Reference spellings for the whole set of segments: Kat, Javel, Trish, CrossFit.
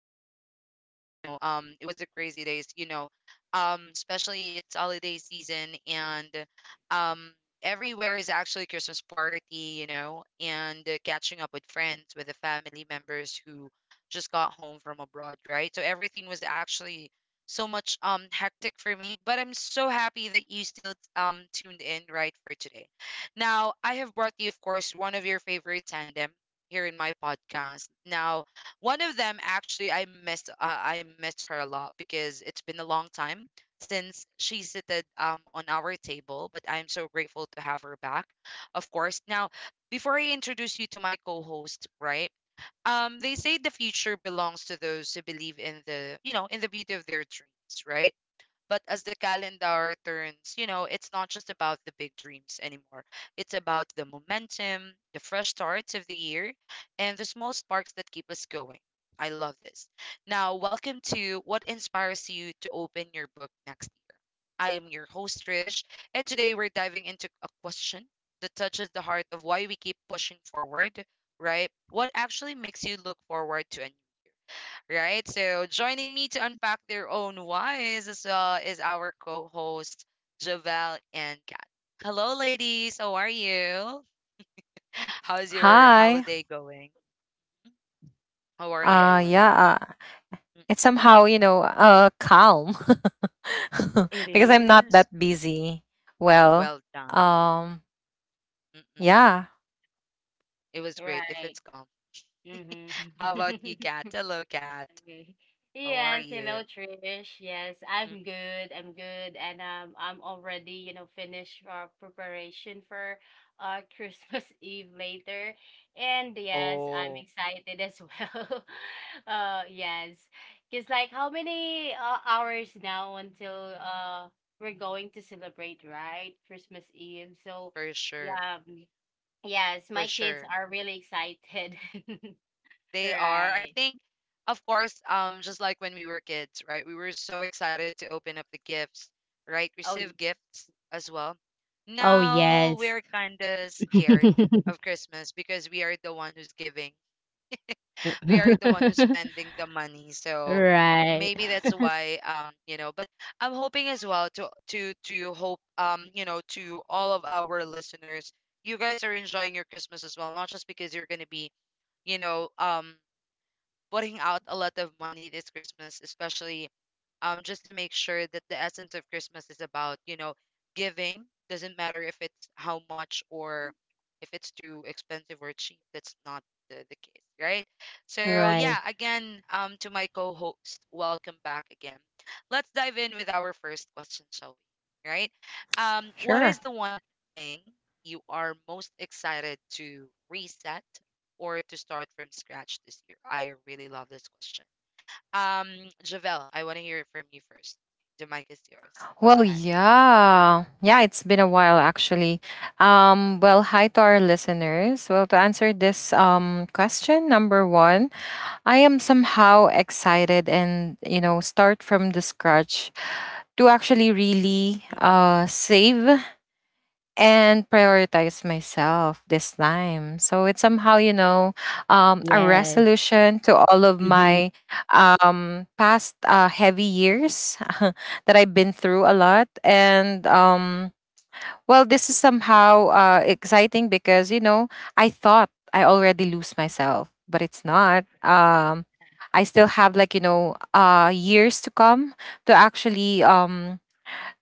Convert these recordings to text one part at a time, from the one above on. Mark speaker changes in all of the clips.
Speaker 1: really kind of busy. It was a crazy days. Especially it's holiday season and, um, everywhere is actually Christmas party. You know, and catching up with friends, with the family members who just got home from abroad. Right. So everything was actually so much hectic for me, but I'm so happy that you still tuned in, right, for today. Now, I have brought you, of course, one of your favorite tandem here in my podcast. Now, one of them actually, I missed. I missed her a lot because it's been a long time since she sitted on our table. But I'm so grateful to have her back, of course. Now, before I introduce you to my co-host, right? They say the future belongs to those who believe in the beauty of their dreams, right? But as the calendar turns, you know, it's not just about the big dreams anymore. It's about the momentum, the fresh starts of the year, and the small sparks that keep us going. I love this. Now, welcome to What Inspires You to Open Your Book Next Year. I am your host, Trish, and today we're diving into a question that touches the heart of why we keep pushing forward, right? What actually makes you look forward to a new year? Right? So joining me to unpack their own whys as well is our co-host Javel and Kat. Hello, ladies. How are you? How's your
Speaker 2: Hi.
Speaker 1: holiday going? How are you?
Speaker 2: Uh
Speaker 3: Yes,
Speaker 1: How are you?
Speaker 2: yeah, uh,
Speaker 1: Mm,
Speaker 2: it's somehow, you know, calm
Speaker 1: it
Speaker 2: because I'm not
Speaker 1: is.
Speaker 2: that busy. Well,
Speaker 1: Well done.
Speaker 2: um
Speaker 1: Mm-mm.
Speaker 2: yeah,
Speaker 1: It was great if
Speaker 3: right.
Speaker 1: it's calm. How about you, Kat?
Speaker 3: Mm-hmm.
Speaker 1: Hello, Kat.
Speaker 3: Okay.
Speaker 1: How are
Speaker 3: Yes,
Speaker 1: you?
Speaker 3: hello Trish. Yes,
Speaker 1: Mm.
Speaker 3: I'm good. I'm good, and I'm already, finished our preparation for Christmas Eve later, and yes, I'm
Speaker 1: Oh,
Speaker 3: excited as well. Yes, because like how many hours now until we're going to celebrate, right? Christmas Eve. So
Speaker 1: for sure.
Speaker 3: yeah, Yes,
Speaker 1: For
Speaker 3: my kids
Speaker 1: sure.
Speaker 3: are really excited.
Speaker 1: They are. I
Speaker 3: Right.
Speaker 1: think, of course, just like when we were kids, right? We were so excited to open up the gifts, right?
Speaker 3: Oh,
Speaker 1: Receive gifts as well.
Speaker 3: Oh,
Speaker 1: Now
Speaker 3: yes.
Speaker 1: we're kind of scared of Christmas because we are the one who's giving. We are the one who's spending the money. So
Speaker 3: Right.
Speaker 1: maybe that's why, you know, but I'm hoping as well to hope, you know, to all of our listeners, you guys are enjoying your Christmas as well, not just because you're gonna be, you know, um, putting out a lot of money this Christmas, especially just to make sure that the essence of Christmas is about, you know, giving. Doesn't matter if it's how much or if it's too expensive or cheap. That's not the case, right? So
Speaker 3: Right.
Speaker 1: yeah, again, um, to my co-host, welcome back again. Let's dive in with our first question, shall we? Right? What is the
Speaker 2: sure.
Speaker 1: one thing you are most excited to reset or to start from scratch this year? I really love this question. Javel, I want to hear it from you first. The mic is yours. Go ahead.
Speaker 2: Yeah, it's been a
Speaker 1: Mm-mm,
Speaker 2: while actually. Hi to our listeners. Well, to answer this question number 1, I am somehow excited and, you know, start from the scratch to actually really
Speaker 1: mm-mm,
Speaker 2: save and prioritize myself this time. So it's somehow, you know, a
Speaker 3: Yes.
Speaker 2: resolution to all of
Speaker 3: Mm-hmm.
Speaker 2: my past heavy years that I've been through a lot. And well, this is somehow exciting because, you know, I thought I already lose myself, but it's not. I still have like, you know, years to come to actually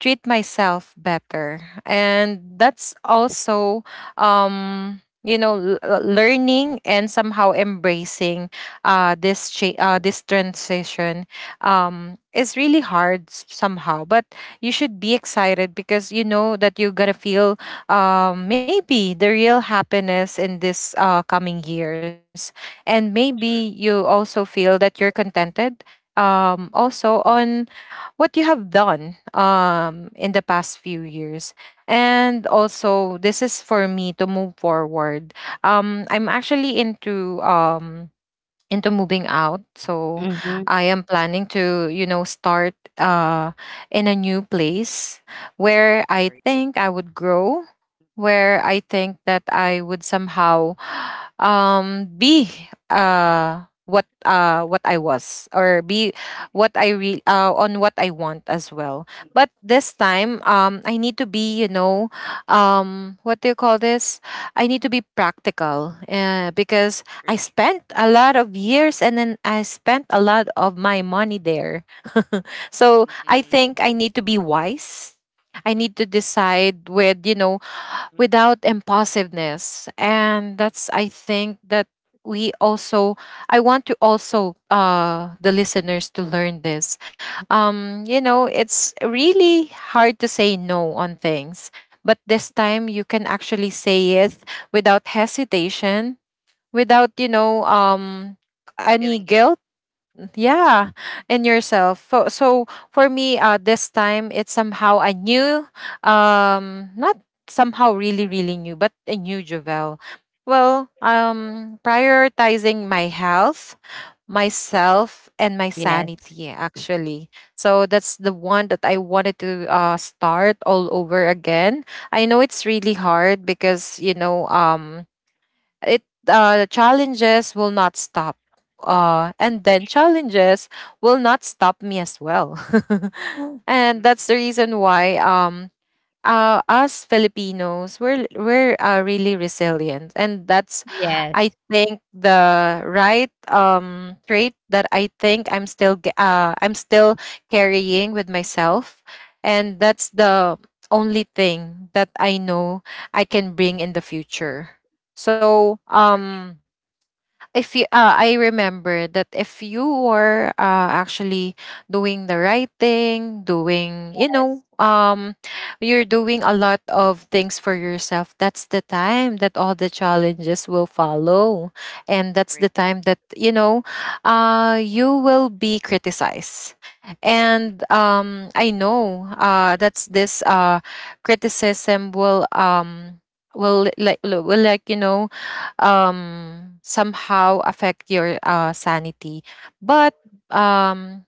Speaker 2: treat myself better. And that's also, you know, learning and somehow embracing this transition is really hard somehow. But you should be excited because you know that you're gonna feel maybe the real happiness in this coming years, and maybe
Speaker 1: true.
Speaker 2: you also feel that you're contented also on what you have done in the past few years. And also, this is for me to move forward. I'm actually into moving out, so
Speaker 3: Mm-hmm.
Speaker 2: I am planning to, you know, start in a new place where I
Speaker 1: Very good.
Speaker 2: think I would grow, where I
Speaker 1: Mm-mm,
Speaker 2: think that I would somehow be uh what I was, or be
Speaker 1: mm-mm,
Speaker 2: on what I want as well.
Speaker 1: mm-mm,
Speaker 2: But this time I need to be, you know, what do you call this, I need to be practical because
Speaker 1: for
Speaker 2: I
Speaker 1: sure.
Speaker 2: spent a lot of years and then I spent a lot of my money there. So I
Speaker 1: Mm-mm,
Speaker 2: think I need to be wise. I
Speaker 1: mm-mm,
Speaker 2: need to decide with, you know,
Speaker 1: mm-mm,
Speaker 2: without impulsiveness. And that's, I think that we also, I want to also, the listeners to learn this. You know, it's really hard to say no on things. But this time you can actually say it without hesitation, without, you
Speaker 1: mm.
Speaker 2: know, any
Speaker 1: Feeling guilty.
Speaker 2: guilt yeah
Speaker 1: Mm,
Speaker 2: in yourself. So, for me, this time it's somehow I knew, not somehow really, really new, but a new Jovel. Well,
Speaker 1: oh,
Speaker 2: prioritizing my health, myself, and my
Speaker 3: Yes.
Speaker 2: sanity actually. So that's the one that I wanted to start all over again. I know it's really hard because, you know, it
Speaker 1: mm,
Speaker 2: challenges will not stop, and
Speaker 1: for
Speaker 2: then
Speaker 1: sure.
Speaker 2: challenges will not stop me as well. And
Speaker 1: Mm,
Speaker 2: that's the reason why, us Filipinos, we're really resilient, and that's,
Speaker 3: Yes.
Speaker 2: I think, the right trait that I think I'm still I'm still carrying with myself, and that's the only thing that I know I can bring in the future. So
Speaker 1: for sure.
Speaker 2: if you I remember that if you were actually doing the right thing, doing, you
Speaker 3: Yes.
Speaker 2: know, you're doing a lot of things for yourself, that's the time that all the challenges will follow, and that's the
Speaker 1: Really.
Speaker 2: time that, you know, you will be criticized.
Speaker 1: Mm-mm,
Speaker 2: And I know that's this criticism will you know, somehow affect your sanity. But um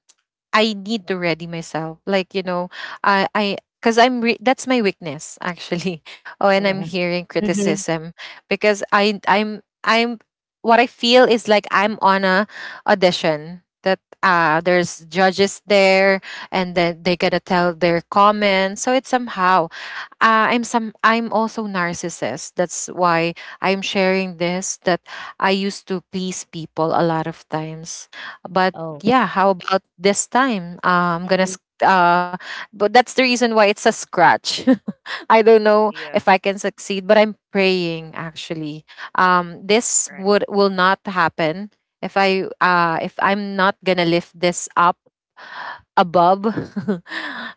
Speaker 2: I need to ready myself, like, you know, I because that's my weakness actually. Oh, and I'm
Speaker 3: Right.
Speaker 2: hearing
Speaker 3: Mm-hmm.
Speaker 2: criticism because I I'm what I feel is like I'm on a audition that
Speaker 1: mm,
Speaker 2: there's judges there, and then they gotta tell their comments. So it's somehow, I'm also narcissist. That's why I'm sharing this, that I used to please people a lot of times. But
Speaker 1: mm.
Speaker 3: Oh.
Speaker 2: yeah, how about this time?
Speaker 3: Mm-hmm.
Speaker 2: But that's the reason why it's a scratch. I don't know
Speaker 1: Yeah,
Speaker 2: if I can succeed, but I'm praying actually. This
Speaker 1: right.
Speaker 2: would will not happen if I if I'm not gonna lift this up above.
Speaker 1: Mm-mm.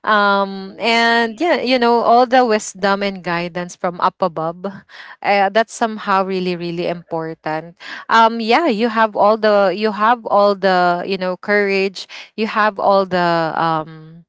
Speaker 1: Oh,
Speaker 2: And
Speaker 1: yeah.
Speaker 2: yeah, you know, all the wisdom and guidance from up above, that's somehow really, really important. Yeah,
Speaker 1: Mm,
Speaker 2: you have all the, you know, courage. You have all the,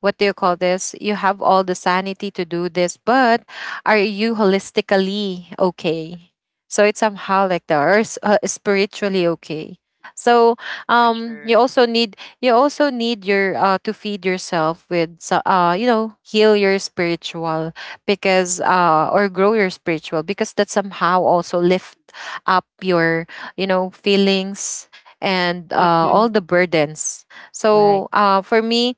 Speaker 2: what do you call this? You have all the sanity to do this, but are you holistically okay? So it's somehow like that, or spiritually okay. So
Speaker 1: for
Speaker 2: you
Speaker 1: sure.
Speaker 2: also need, you also need your to feed yourself with, you know, heal your spiritual because, or grow your spiritual because that somehow also lift up your, you know, feelings and,
Speaker 3: Mm-hmm.
Speaker 2: all the
Speaker 1: Mm,
Speaker 2: burdens.
Speaker 3: Right.
Speaker 2: So for me,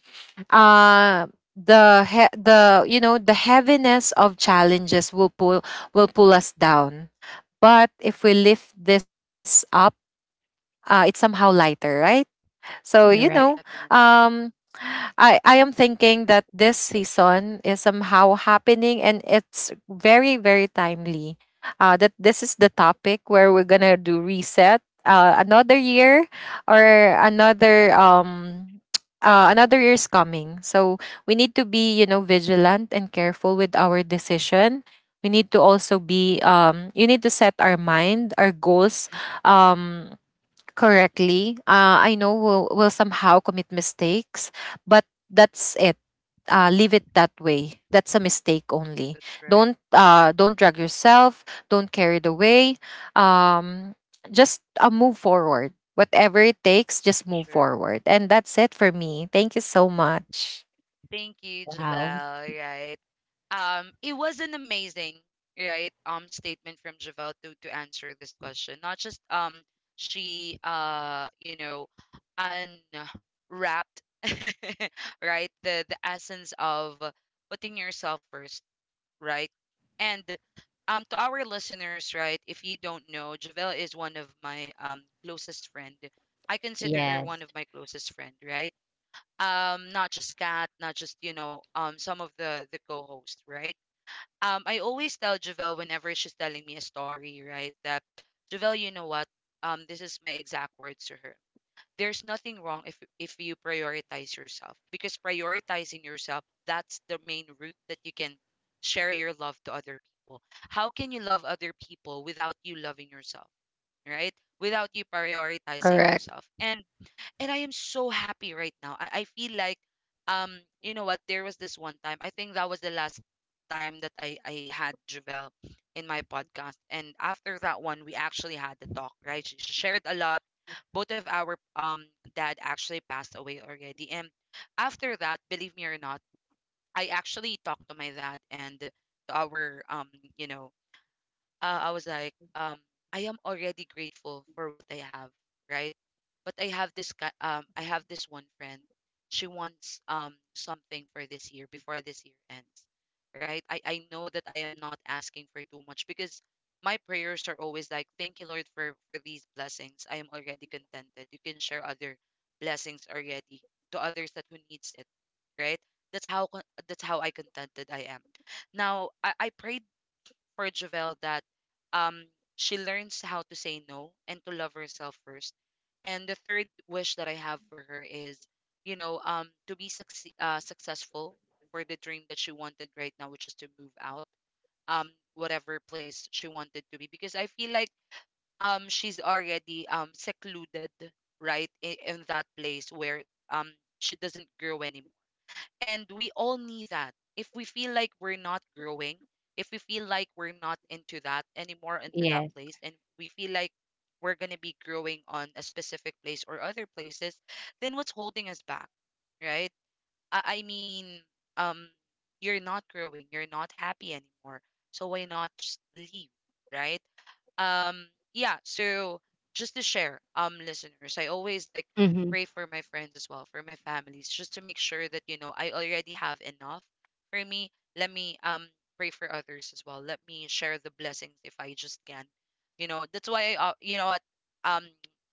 Speaker 2: uh the the, you know, the heaviness of challenges will pull, will pull us down, but if we lift this up, it's somehow lighter, right? So you
Speaker 3: You're
Speaker 2: know,
Speaker 3: right.
Speaker 1: definitely.
Speaker 2: um, I am thinking that this season is somehow happening and it's very, very timely. That this is the topic where we're gonna do reset. Another year or another another year is coming. So we need to be, you know, vigilant and careful with our decision. We need to also be, you need to set our mind, our goals um correctly. I know we'll somehow commit mistakes, but that's it. Leave it that way. That's a mistake only.
Speaker 1: That's right.
Speaker 2: Don't, don't drag yourself. Don't carry the way. Um, just move forward. Whatever it takes, just
Speaker 1: For
Speaker 2: move
Speaker 1: sure.
Speaker 2: forward. And that's it for me. Thank you so much.
Speaker 1: Thank you,
Speaker 3: Wow.
Speaker 1: Javel. Right. It was an amazing, right, statement from Javelle to answer this question. Not just she you know unwrapped right the essence of putting yourself first, right? And um, to our listeners, right, if you don't know, Javelle is one of my closest friend. I consider her
Speaker 3: Yes.
Speaker 1: one of my closest friend, right? Not just Kat, not just, you know, um, some of the co-hosts, right? Um, I always tell Javelle whenever she's telling me a story, right? That Javelle, you know what? This is my exact words to her. There's nothing wrong if you prioritize yourself, because prioritizing yourself, that's the main route that you can share your love to other people. How can you love other people without you loving yourself, right? Without you prioritizing
Speaker 2: Correct.
Speaker 1: yourself. And I am so happy right now. I feel like, um, you know what, there was this one time, I think that was the last time that I had Javel in my podcast, and after that one we actually had the talk, right? She shared a lot. Both of our dad actually passed away already, and after that, believe me or not, I actually talked to my dad and to our um, you know, I was like, I am already grateful for what I have, right? But I have this one friend. She wants something for this year before this year ends, right? I know that I am not asking for too much because my prayers are always like, thank you, Lord, for these blessings. I am already contented. You can share other blessings already to others that who needs it, right? That's how I contented I am. Now I prayed for Javel that um she learns how to say no and to love herself first. And the third wish that I have for her is, you know, um, to be successful for the dream that she wanted right now, which is to move out whatever place she wanted to be because I feel like she's already secluded right in that place where um she doesn't grow anymore. And we all need that. If we feel like we're not growing, if we feel like we're not into that anymore, into that
Speaker 3: Yes.
Speaker 1: place, and we feel like we're going to be growing on a specific place or other places, then what's holding us back, right? I mean, um, you're not growing, you're not happy anymore. So why not just leave, right? Um, yeah, so just to share, um, listeners, I always like
Speaker 3: Mm-hmm.
Speaker 1: pray for my friends as well, for my families, just to make sure that, you know, I already have enough for me. Let me pray for others as well. Let me share the blessings if I just can. You know, that's why I, you know what, um,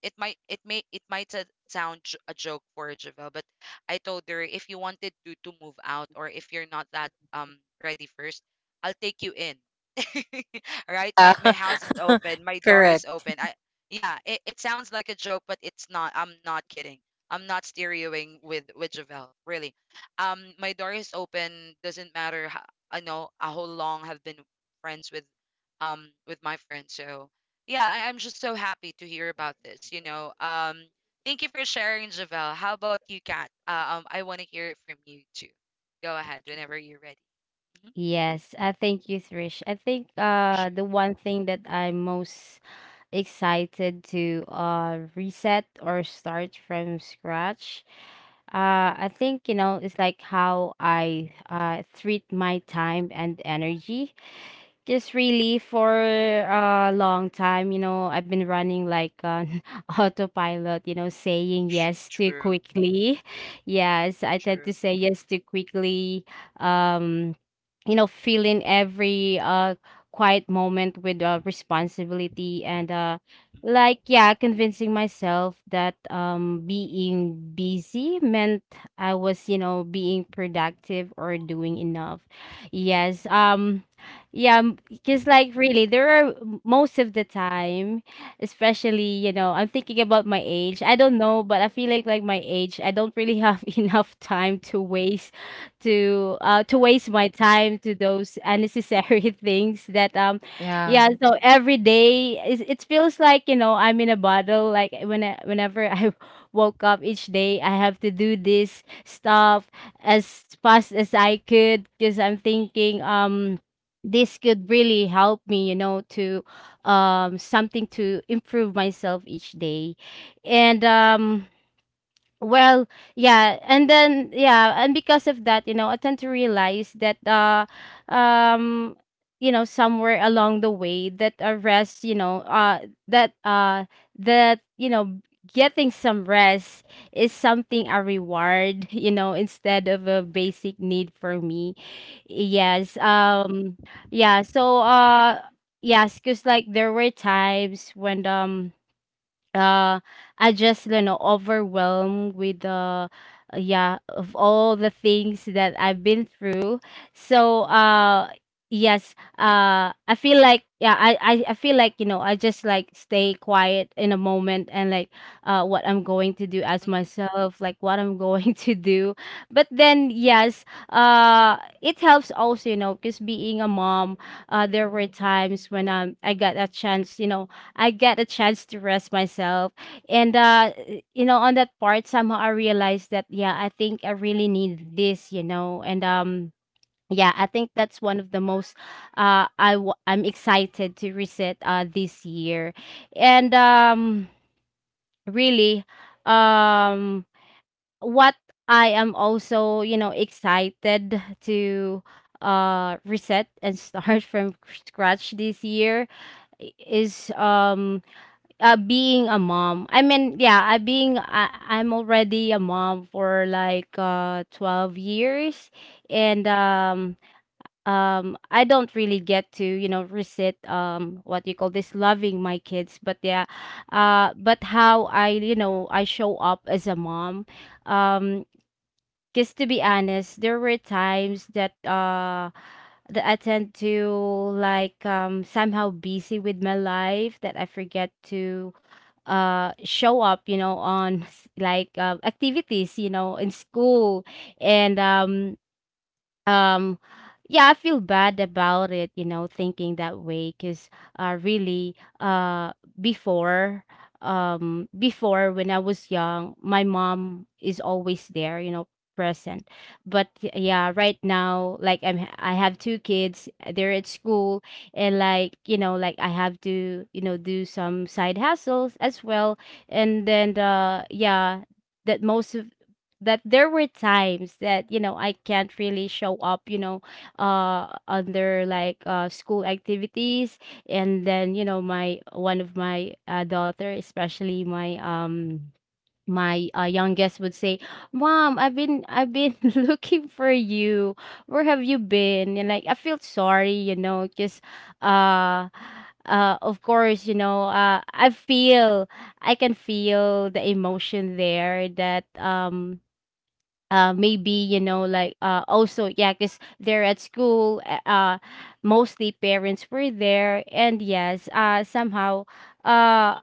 Speaker 1: it might, it might sound a joke for Javel, but I told her if you wanted to move out, or if you're not that ready first, I'll take you in. Right?
Speaker 2: Yeah.
Speaker 1: My house is open. My door is
Speaker 2: Correct.
Speaker 1: open. I yeah, it sounds like a joke, but it's not. I'm not kidding. I'm not stereoing with Javel, really. My door is open. Doesn't matter. How, I know how long I've been friends with my friend. So yeah, I, I'm just so happy to hear about this. You know, thank you for sharing, Javel. How about you, Kat? I want to hear it from you too. Go ahead whenever you're ready. Mhm.
Speaker 3: Yes. I think you, Trish. I think
Speaker 1: Sure.
Speaker 3: the one thing that I'm most excited to reset or start from scratch. I think, you know, it's like how I treat my time and energy. Just really for a long time, you know, I've been running like on autopilot, you know, saying yes too
Speaker 1: True.
Speaker 3: quickly. Yes, I tend to
Speaker 1: True.
Speaker 3: say yes too quickly. Um, you know, filling every quiet moment with responsibility and like yeah, convincing myself that being busy meant I was, you know, being productive or doing enough. Yes. Yeah because like really there are, most of the time, especially, you
Speaker 1: Mm,
Speaker 3: know, I'm thinking about my age, I don't know, but I feel like, my age, I don't really have enough time to waste, to
Speaker 1: true.
Speaker 3: waste my time to those
Speaker 1: Mm,
Speaker 3: unnecessary things that
Speaker 1: mm, mm,
Speaker 3: yeah.
Speaker 2: Yeah.
Speaker 3: So every day it feels like, you know, I'm in a bottle, like when I, whenever I woke up each day, I have to do this stuff as fast as I could because I'm thinking this could really help me, you know, to something to improve myself each day. And well yeah. And then yeah, and because of that, you know, I tend to realize that um you know, somewhere along the way, that a rest, you know, that that you know, getting some rest is something a reward you know, instead of a basic need for me. Yes.
Speaker 1: true.
Speaker 3: Yeah so uh yes, because like there were times when uh I just, you know, overwhelmed with the yeah, of all the things that I've been through. So yes, I feel like, yeah, I feel like, you know, I just like stay quiet in a moment and like what I'm going to do as
Speaker 1: Mm, mm,
Speaker 3: myself, like what I'm going to do. But then yes, it helps also, you know, because being a mom, there were times when I got a chance, you know, I get a chance to rest myself. And you know, on that part somehow I realized that yeah, I think I really need this, you know. And yeah, I think that's one of the most I'm excited to reset this year. And really um what I am also, you know, excited to reset and start from scratch this year is being a mom. I mean, yeah, I'm already a mom for like 12 years. And I don't really get to, you know, reset, what you call this, loving my kids, but yeah, but how I, you know, I show up as a mom. Um because to be honest, there were times that I tend to like somehow busy with my life that I forget to show up, you know, on like activities, you know, in school. And um, yeah, I feel bad about it, you know, thinking that way, because really, before, before when I was young, my mom is always there, you know, present. But yeah, right now, like I have two kids. They're at school, and like, you know, like I have to, you know, do some side hustles as well, and then yeah, that most of that there were times that, you know, I can't really show up, you know, under like school activities. And then, you know, my one of my daughter especially my my youngest, would say, mom, I've been looking for you, where have you been? And like I feel sorry, you know, because uh of course, you know, I feel, I can feel the emotion there, that maybe, you know, like also yeah, because they're at school, mostly parents were there, and yes, somehow, uh,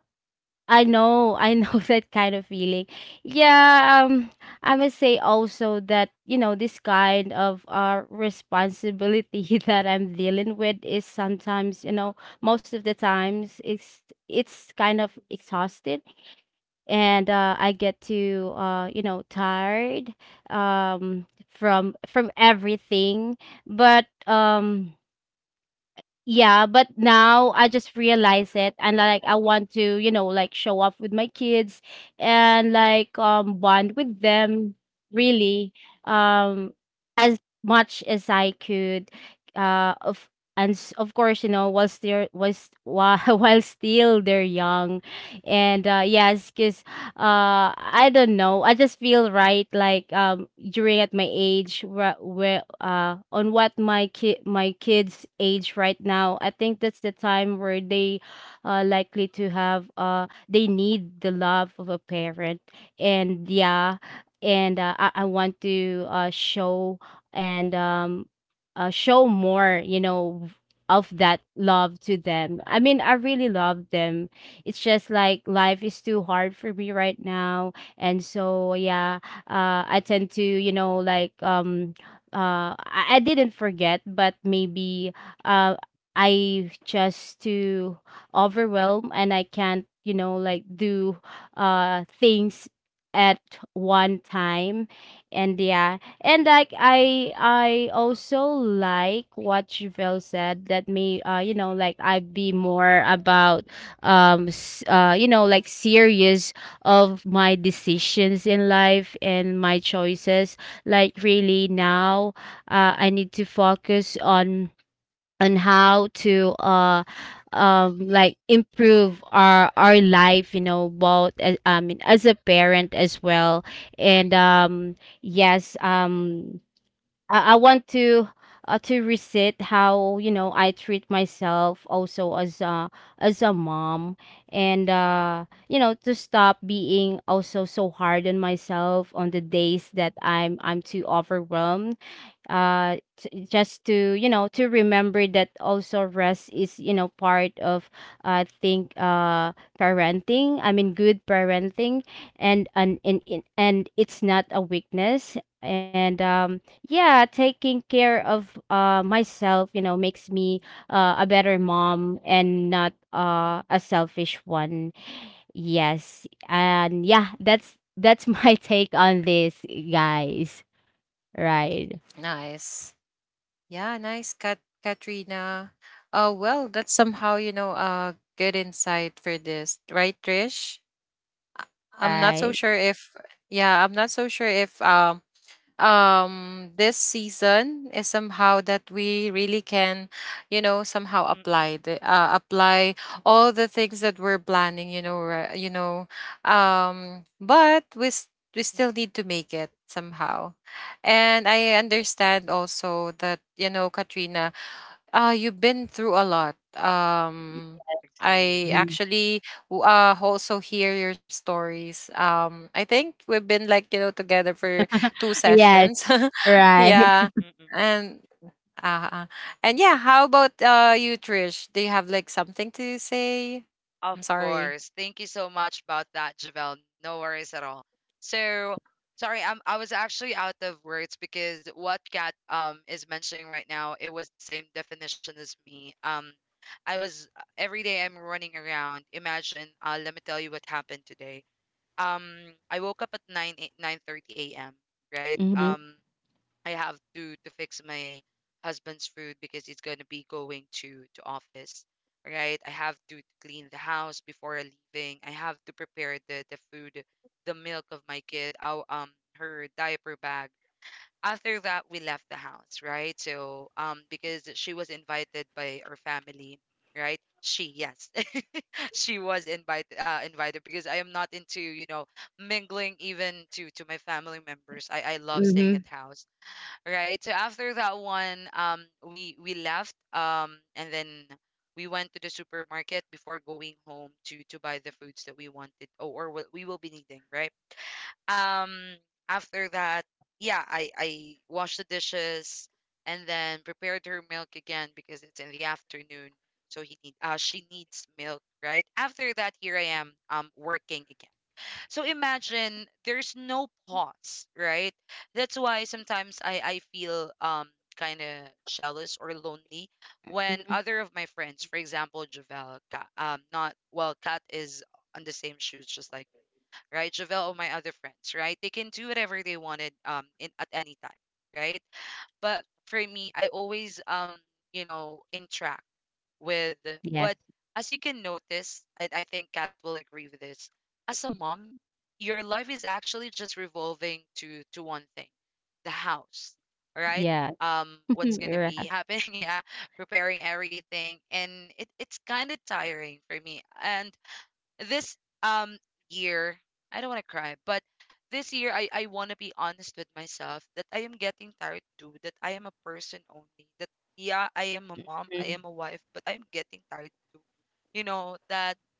Speaker 3: I know, I know, that kind of feeling. yeah um, I must say also that, you know, this kind of responsibility that I'm dealing with is sometimes, you know, most of the times, it's kind of exhausted. And I get to you know, tired, from everything. But yeah, but now I just realize it, and like I want to, you know, like show off with my kids and like bond with them, really, um, as much as I could. Uh, of of course, you know, while still was while while still they're young. And yes, because I don't know, I just feel right, like, during at my age where on what my kids age right now, I think that's the time where they are likely to have they need the love of a parent. And yeah, and I want to show, and show more, you know, of that love to them. I mean, I really love them. It's just like life is too hard for me right now. And so yeah, I tend to, you know, like I didn't forget, but maybe uh I just too overwhelmed, and I can't, you know, like do things at one time. And yeah, and like I also like what Chevelle said, that may you know, like I'd be more about you know, like serious of my decisions in life and my choices. Like really now, I need to focus on how to like improve our life, you know, both as, I mean as a parent as well. And yes, I want to reset how, you know, I treat myself also as a mom, and you know, to stop being also so hard on myself on the days that I'm too overwhelmed. Just to, you know, to remember that also rest is, you know, part of, I think, parenting, I mean good parenting. And and it's not a weakness. And yeah, taking care of myself, you know, makes me a better mom and not a selfish one. Yes, and yeah, that's my take on this, guys. Right.
Speaker 2: Nice. Yeah, nice, Kat- Katrina. Well, that's somehow, you know, good insight for this, right, Trish? I'm not so
Speaker 3: Right.
Speaker 2: sure if, yeah, I'm not so sure if this season is somehow that we really can, you know, somehow
Speaker 1: mm, mm,
Speaker 2: apply the apply all the things that we're planning, you know, right, you know, but we
Speaker 1: mm.
Speaker 2: still need to make it somehow. And I understand also that, you know, Katrina, you've been through a lot.
Speaker 1: Agree.
Speaker 2: I
Speaker 3: Mhm.
Speaker 2: actually also hear your stories. I think we've been like, you know, together for two
Speaker 3: Yes,
Speaker 2: sessions.
Speaker 3: right.
Speaker 2: Yeah.
Speaker 1: Mm, mm.
Speaker 2: And uh, uh, and yeah, how about you, Trish? Do you have like something to say?
Speaker 1: Of
Speaker 2: I'm sorry.
Speaker 1: course. Thank you so much about that, Javelle. No worries at all. So, sorry, I'm I was actually out of words because what Kat is mentioning right now, it was the same definition as me. I was, every day I'm running around. Imagine, let me tell you what happened today. I woke up at 9 9:30 a.m., right?
Speaker 3: Mhm,
Speaker 1: I have to fix my husband's food because he's gonna be going to office, right? I have to clean the house before leaving. I have to prepare the food, the milk of my kid, our her diaper bag. After that, we left the house, right? So because she was invited by her family, right? She yes, she was invited because I am not into, you know, mingling even to my family members. I love staying at
Speaker 3: mhm.
Speaker 1: house, right? So after that one, we left, and then we went to the supermarket before going home to buy the foods that we wanted, or what we will be needing, right? Um, after that, yeah, I washed the dishes and then prepared her milk again because it's in the afternoon, so he need she needs milk, right? After that, here I am, working again. So imagine there's no pause, right? That's why sometimes I feel kind of jealous or lonely when
Speaker 3: Mhm.
Speaker 1: other of my friends, for example, Javel, Ka- not well, Kat is on the same shoes just like me, right? Javel or my other friends, right? They can do whatever they wanted in at any time, right? But for me, I always you know in with
Speaker 3: Yes.
Speaker 1: but as you can notice, and I think Kat will agree with this, as a mom, your life is actually just revolving to one thing, the house, right?
Speaker 3: Yeah.
Speaker 1: What's gonna be
Speaker 3: Right.
Speaker 1: happening, yeah, preparing everything, and it's kind of tiring for me. And this um year, I don't want to cry, but this year I want to be honest with myself that I am getting tired too, that I am a person only, that yeah, I am a mom, I
Speaker 3: Mhm.
Speaker 1: am a wife, but I'm getting tired too. You know that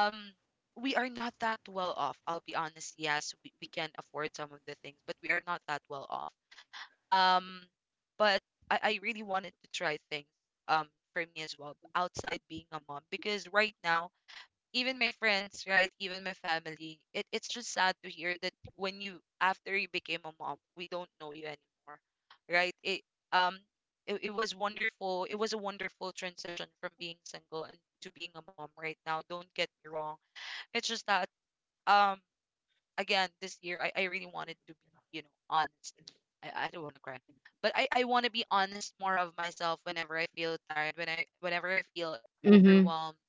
Speaker 1: um we are not that well off. I'll be honest, yes, we can afford some of the things, but we are not that well off. Um but I really wanted to try things for me as well, outside being a mom, because right now, even my friends, right? Even my family. It's just sad to hear that when you after you became a mom, we don't know you anymore, right? Um it was wonderful. It was a wonderful transition from being single and to being a mom right now. Don't get me wrong. It's just that um again this year I really wanted to be, you know, honest. I don't want to cry. But I want to be honest more of myself whenever I feel tired, whenever I feel
Speaker 3: Mhm.
Speaker 1: overwhelmed,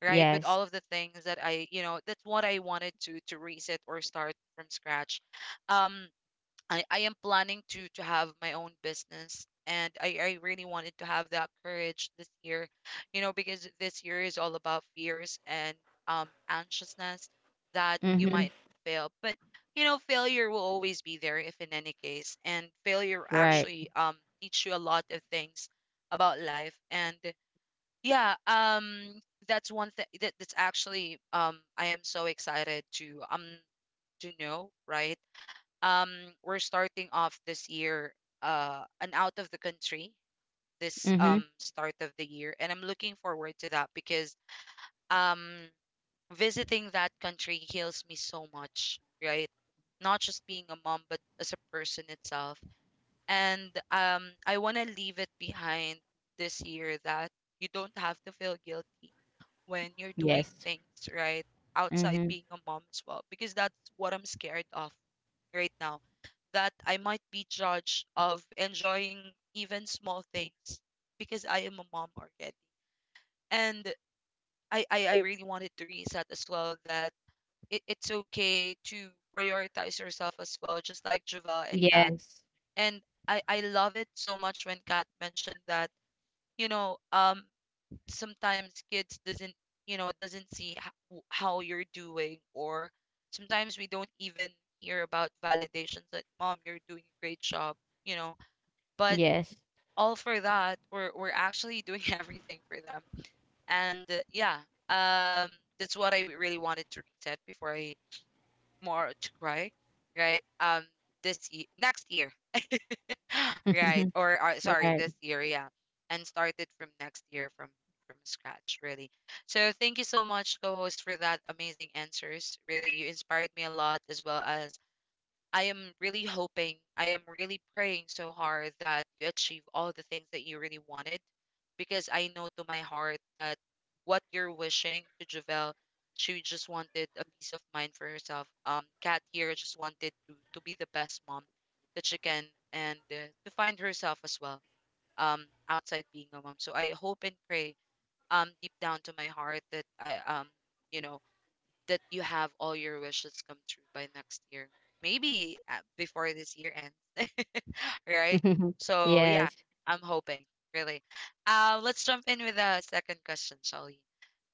Speaker 1: right? With
Speaker 3: Yes.
Speaker 1: all of the things that's what I wanted to reset or start from scratch. Um I am planning to have my own business, and I really wanted to have that courage this year, you know, because this year is all about fears and anxiousness, that you
Speaker 3: Mhm.
Speaker 1: might fail. But you know, failure will always be there if in any case. And failure
Speaker 3: Right.
Speaker 1: actually teach you a lot of things about life. And yeah, that's one thing that's actually, I am so excited to know, right? um we're starting off this year an out of the country this
Speaker 3: Mhm.
Speaker 1: start of the year, and I'm looking forward to that, because um visiting that country heals me so much, right? Not just being a mom, but as a person itself. And I want to leave it behind this year, that you don't have to feel guilty when you're doing
Speaker 3: Yes.
Speaker 1: things, right? Outside
Speaker 3: Mhm.
Speaker 1: being a mom as well, because that's what I'm scared of right now, that I might be judged of enjoying even small things because I am a mom already. And I really wanted to reset as well, that it's okay to prioritize yourself as well, just like Javel and Kat.
Speaker 3: Yes.
Speaker 1: And I love it so much when Kat mentioned that, you know, sometimes kids doesn't, you know, doesn't see how you're doing, or sometimes we don't even hear about validations that mom you're doing a great job, you know, but
Speaker 3: Yes.
Speaker 1: all for that we're actually doing everything for them. And yeah, um that's what I really wanted to reset before I more to cry, right? This year, next year right, or sorry,
Speaker 3: Right.
Speaker 1: this year, yeah. And started from next year from scratch, really. So thank you so much, co-host, for that amazing answers, really. You inspired me a lot as well, as I am really hoping, I am really praying so hard that you achieve all the things that you really wanted. Because I know to my heart that what you're wishing to Javel, she just wanted a peace of mind for herself. Kat here just wanted to be the best mom that she can, and to find herself as well, outside being a mom. So I hope and pray, deep down to my heart, you know that you have all your wishes come true by next year. Maybe before this year ends. Right? So, yeah,
Speaker 3: Yes.
Speaker 1: I'm hoping, really. Let's jump in with the second question, shall we?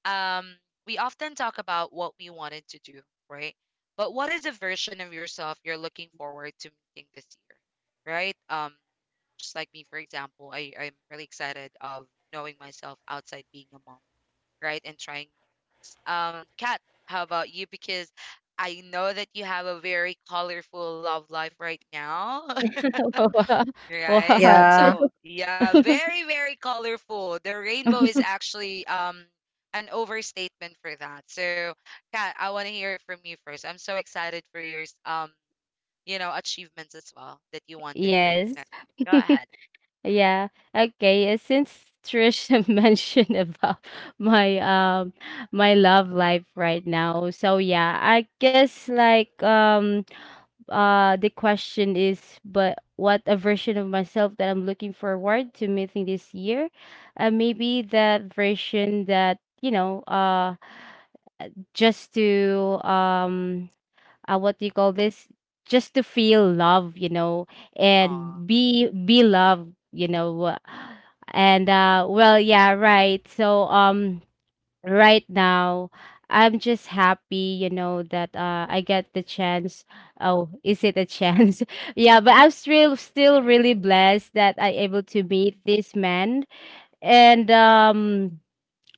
Speaker 1: Um, we often talk about what we wanted to do, right? But what is the version of yourself you're looking forward to meeting this year, right? Just like me, for example, I'm really excited of knowing myself outside being a mom, right? And trying Kat, how about you? Because I know that you have a very colorful love life right now,
Speaker 3: What?
Speaker 1: right?
Speaker 2: Yeah.
Speaker 1: So yeah, very, very colorful. The rainbow is actually an overstatement for that. So Kat, I want to hear it from you first. I'm so excited for your achievements as well that you wanted for your
Speaker 3: Yes.
Speaker 1: next. Go ahead.
Speaker 3: Yeah. Okay. Since Trisha mentioned about my my love life right now, so yeah, I guess like the question is, but what a version of myself that I'm looking forward to meeting this year, maybe that version that, you know, just to what do you call this, just to feel love, you know,
Speaker 1: Aw.
Speaker 3: and be loved, you know, and yeah, right. So right now, I'm just happy, you know, that I get the chance. Oh, is it a chance? Yeah, but I'm still still really blessed that I
Speaker 1: Mm.
Speaker 3: able to meet this man. And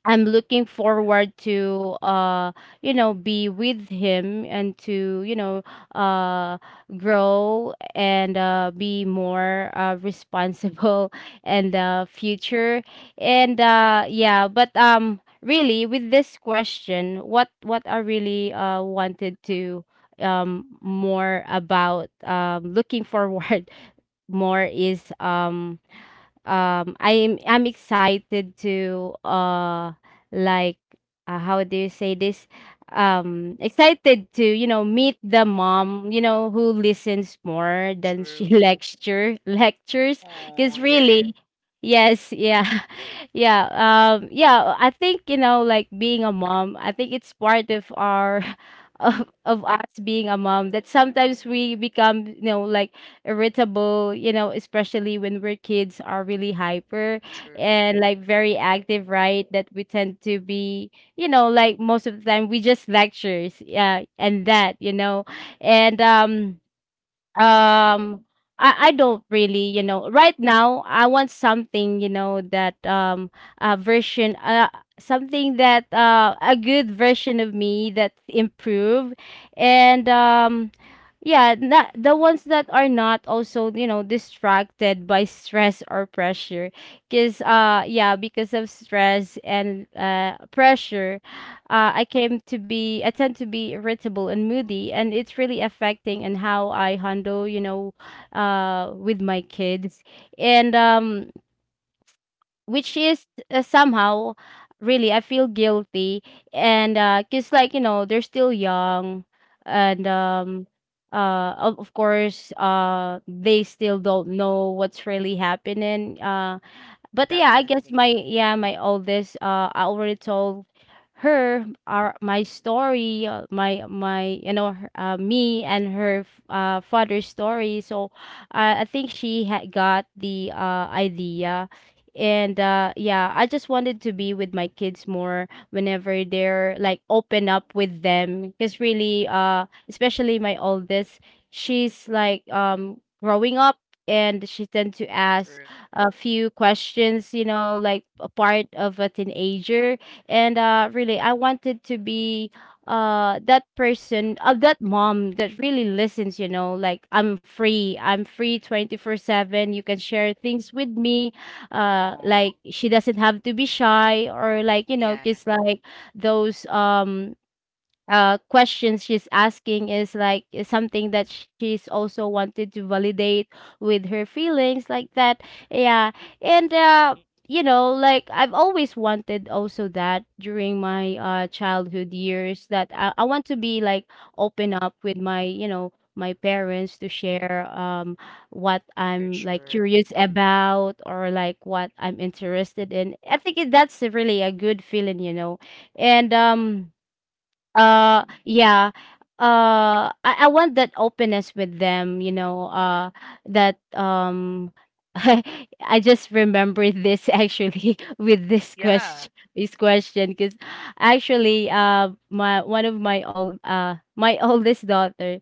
Speaker 3: I'm looking forward to you know, be with him, and to you know, uh grow, and be more responsible in the future. And yeah, but really with this question, what I really wanted to more about looking forward more is I'm excited to like how do you say this, excited to, you know, meet the mom, you know, who listens more than she
Speaker 1: True.
Speaker 3: lectures.
Speaker 1: Oh,
Speaker 3: Because
Speaker 1: yeah, yeah, yeah.
Speaker 3: really, yes, yeah. Yeah, I think, you know, like being a mom, I think it's part of our of us being a mom, that sometimes we become, you know, like irritable, you know, especially when we're kids are really hyper
Speaker 1: True.
Speaker 3: and like very active, right? That we tend to be, you know, like most of the time we just lectures, yeah, and that, you know, and um um I, I don't really you know right now I want something you know that a version, something that a good version of me that improve and Yeah, not the ones that are not also you know distracted by stress or pressure because yeah, because of stress and pressure I tend to be irritable and moody, and it's really affecting and how I handle, you know, with my kids, and which is somehow really I feel guilty, and cause like you know they're still young, and of course, they still don't know what's really happening, but yeah, I guess
Speaker 1: Definitely.
Speaker 3: my oldest I already told her our my story, my you know me and her father's story. So I think she had got the idea. And yeah, I just wanted to be with my kids more whenever they're like open up with them because really especially my oldest, she's like growing up and she tend to ask
Speaker 1: True.
Speaker 3: a few questions, you know, like a part of a teenager. And really, I wanted to be that person, that mom that really listens, you know, like I'm free 24/7, you can share things with me.
Speaker 1: Oh,
Speaker 3: Like she doesn't have to be shy, or like you know,
Speaker 1: yeah,
Speaker 3: just like those questions she's asking is like is something that she's also wanted to validate with her
Speaker 1: yeah.
Speaker 3: feelings like that, yeah. And
Speaker 1: Mm.
Speaker 3: you know like I've always wanted also that during my childhood years that I want to be like open up with my you know my parents to share what
Speaker 1: For
Speaker 3: I'm like
Speaker 1: sure.
Speaker 3: curious about or like what I'm interested in. I think that's really a good feeling, you know. And um uh yeah uh I, I want that openness with them, you know. That I just remember this actually with this
Speaker 1: Yeah.
Speaker 3: question, because actually my one of my old my oldest daughter,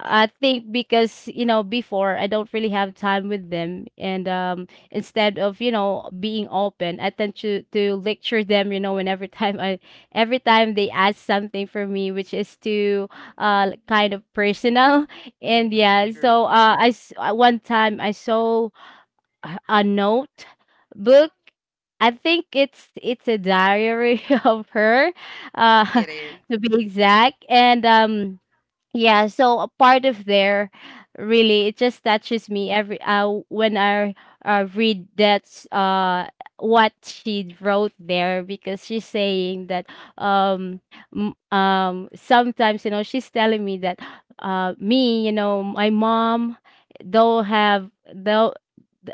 Speaker 3: I
Speaker 1: Mm.
Speaker 3: think because you know before I don't really have time with them, and instead of you know being open I tend to lecture them you know whenever time I every time they ask something for me, which is too like, kind of personal. And yeah, so
Speaker 1: True.
Speaker 3: one time I saw a note book.
Speaker 1: Mm-mm.
Speaker 3: I think it's a diary of her. uh
Speaker 1: It is.
Speaker 3: to be exact. And yeah, so a part of there, really it just touches me every when I read that's what she wrote there, because she's saying that um sometimes you know she's telling me that me, you know, my mom don't have though.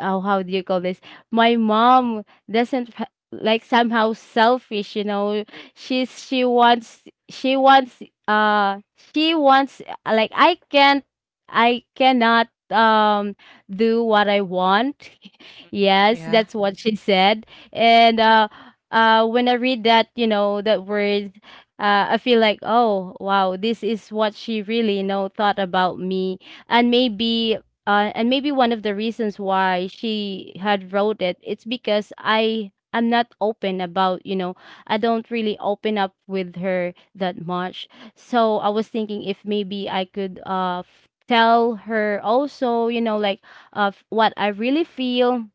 Speaker 3: Oh, how do you call this? My mom doesn't ha- like somehow selfish, you know. She wants, she wants, uh she wants, like I can't I cannot do what I want.
Speaker 1: Mm-mm.
Speaker 3: Yes,
Speaker 2: Yeah.
Speaker 3: that's what she said. And when I read that, you know, that word, I feel like, oh wow, this is what she really you know thought about me. And maybe and maybe one of the reasons why she had wrote it, it's because I'm not open about, you know, I don't really open up with her that much. So I was thinking if maybe I could tell her also, you know, like of what I really feel.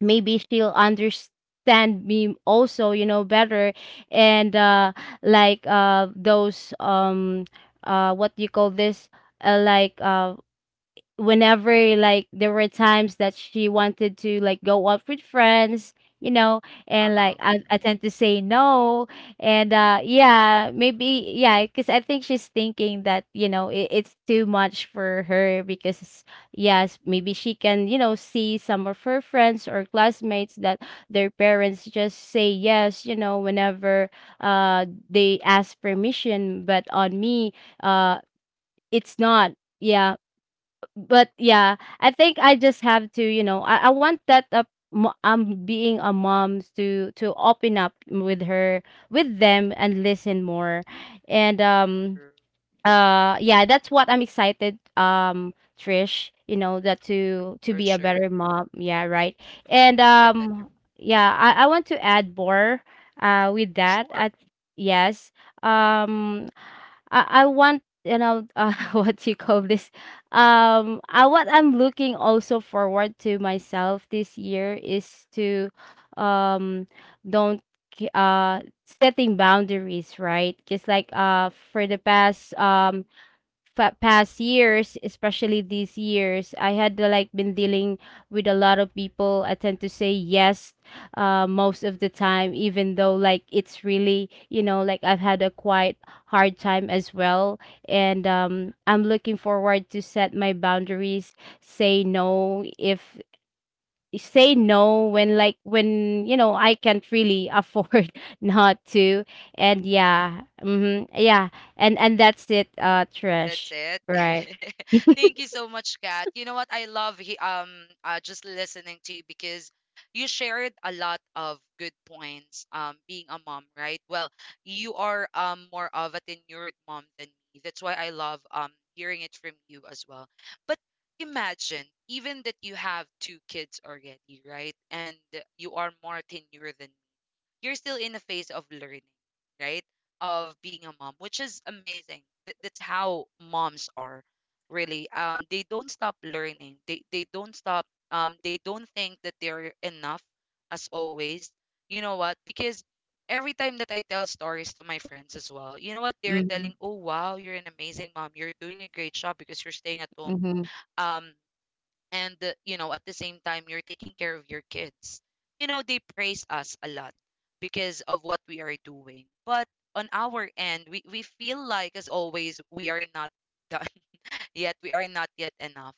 Speaker 3: Maybe she'll understand me also, you know, better. And like those what do you call this? Uh, like uh whenever like there were times that she wanted to like go out with friends, you know, and like
Speaker 1: Uh-uh.
Speaker 3: I tend to say no. And yeah, maybe yeah, because I think she's thinking that you know it's too much for her, because yes, maybe she can you know see some of her friends or classmates that their parents just say yes you know whenever they ask permission, but on me uh it's not. Yeah. But yeah, I think I just have to, you know, I want that being a mom to open up with her, with them, and listen more. And
Speaker 1: True.
Speaker 3: yeah, that's what I'm excited Trish, you know, that to
Speaker 1: For
Speaker 3: be a
Speaker 1: sure.
Speaker 3: better mom. Yeah, right. And
Speaker 1: To be a better mom.
Speaker 3: yeah, I want to add more with that.
Speaker 1: Sure.
Speaker 3: I yes. Um I want, you know, what you call this? What I'm looking also forward to myself this year is to um don't ki- uh setting boundaries, right? Because like for the past past years, especially these years, I had like been dealing with a lot of people. I tend to say yes most of the time, even though like it's really you know like I've had a quite hard time as well. And I'm looking forward to set my boundaries, say no if, say no when like when you know I can't really afford not to. And
Speaker 1: Mm-mm.
Speaker 3: yeah. Yeah. And that's it,
Speaker 1: That's
Speaker 3: Trish.
Speaker 1: it.
Speaker 3: Right.
Speaker 1: Thank you so much, Kat. You know what? I love just listening to you, because you shared a lot of good points. Being a mom, right? Well, you are more of a tenured mom than me. That's why I love hearing it from you as well. But imagine even that you have two kids already, right? And you are more tenured than, you're still in the phase of learning, right? Of being a mom, which is amazing. That's how moms are, really. They don't stop learning. They don't stop. They don't think that they're enough, as always. You know what? Because every time that I tell stories to my friends as well, you know what they're
Speaker 3: Mm-hmm,
Speaker 1: telling? Oh wow, you're an amazing mom. You're doing a great job because you're staying at home.
Speaker 3: mm-hmm,
Speaker 1: Um, and at the same time you're taking care of your kids, they praise us a lot because of what we are doing. But on our end we feel like, as always, we are not done yet, we are not yet enough.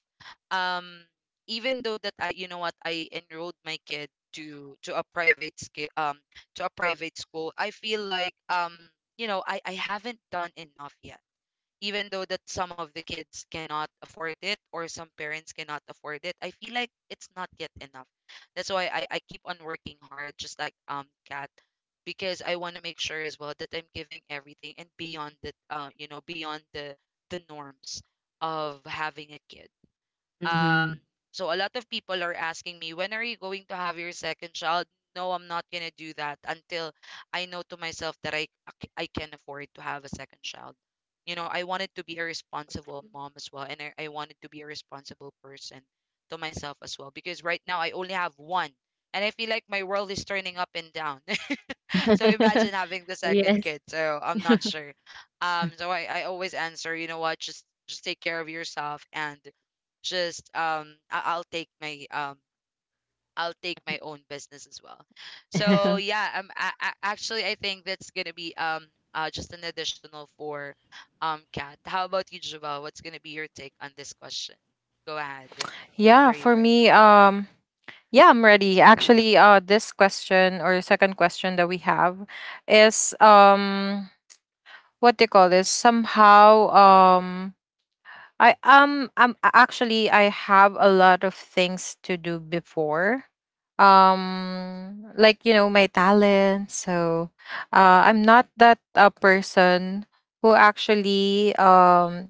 Speaker 1: um Even though that I, you know what, I enrolled my kid to a private school, I feel like, I haven't done enough yet. Even though that some of the kids cannot afford it, or some parents cannot afford it, I feel like it's not yet enough. That's why I keep on working hard, just like Kat, because I want to make sure as well that I'm giving everything and beyond the, you know, beyond the norms of having a kid.
Speaker 3: mm-hmm.
Speaker 1: um, so a lot of people are asking me, when are you going to have your second child? No, I'm not gonna do that until I know to myself that I can afford to have a second child. You know, I wanted to be a responsible mom as well, and I wanted to be a responsible person to myself as well. Because right now I only have one, and I feel like my world is turning up and down. So imagine having the second
Speaker 3: Yes.
Speaker 1: kid. So I'm not sure. So I always answer, you know what, just take care of yourself, and just, I'll take my own business as well. So yeah, actually I think that's gonna be just an additional for Kat. How about you, Javel? What's gonna be your take on this question? Go ahead whenever
Speaker 2: Yeah,
Speaker 1: you're
Speaker 2: for
Speaker 1: ready.
Speaker 2: me, yeah, I'm ready. Actually, this question, or second question, that we have is what they call this somehow, actually I have a lot of things to do before, like, you know, my talent. So I'm not that person who actually, um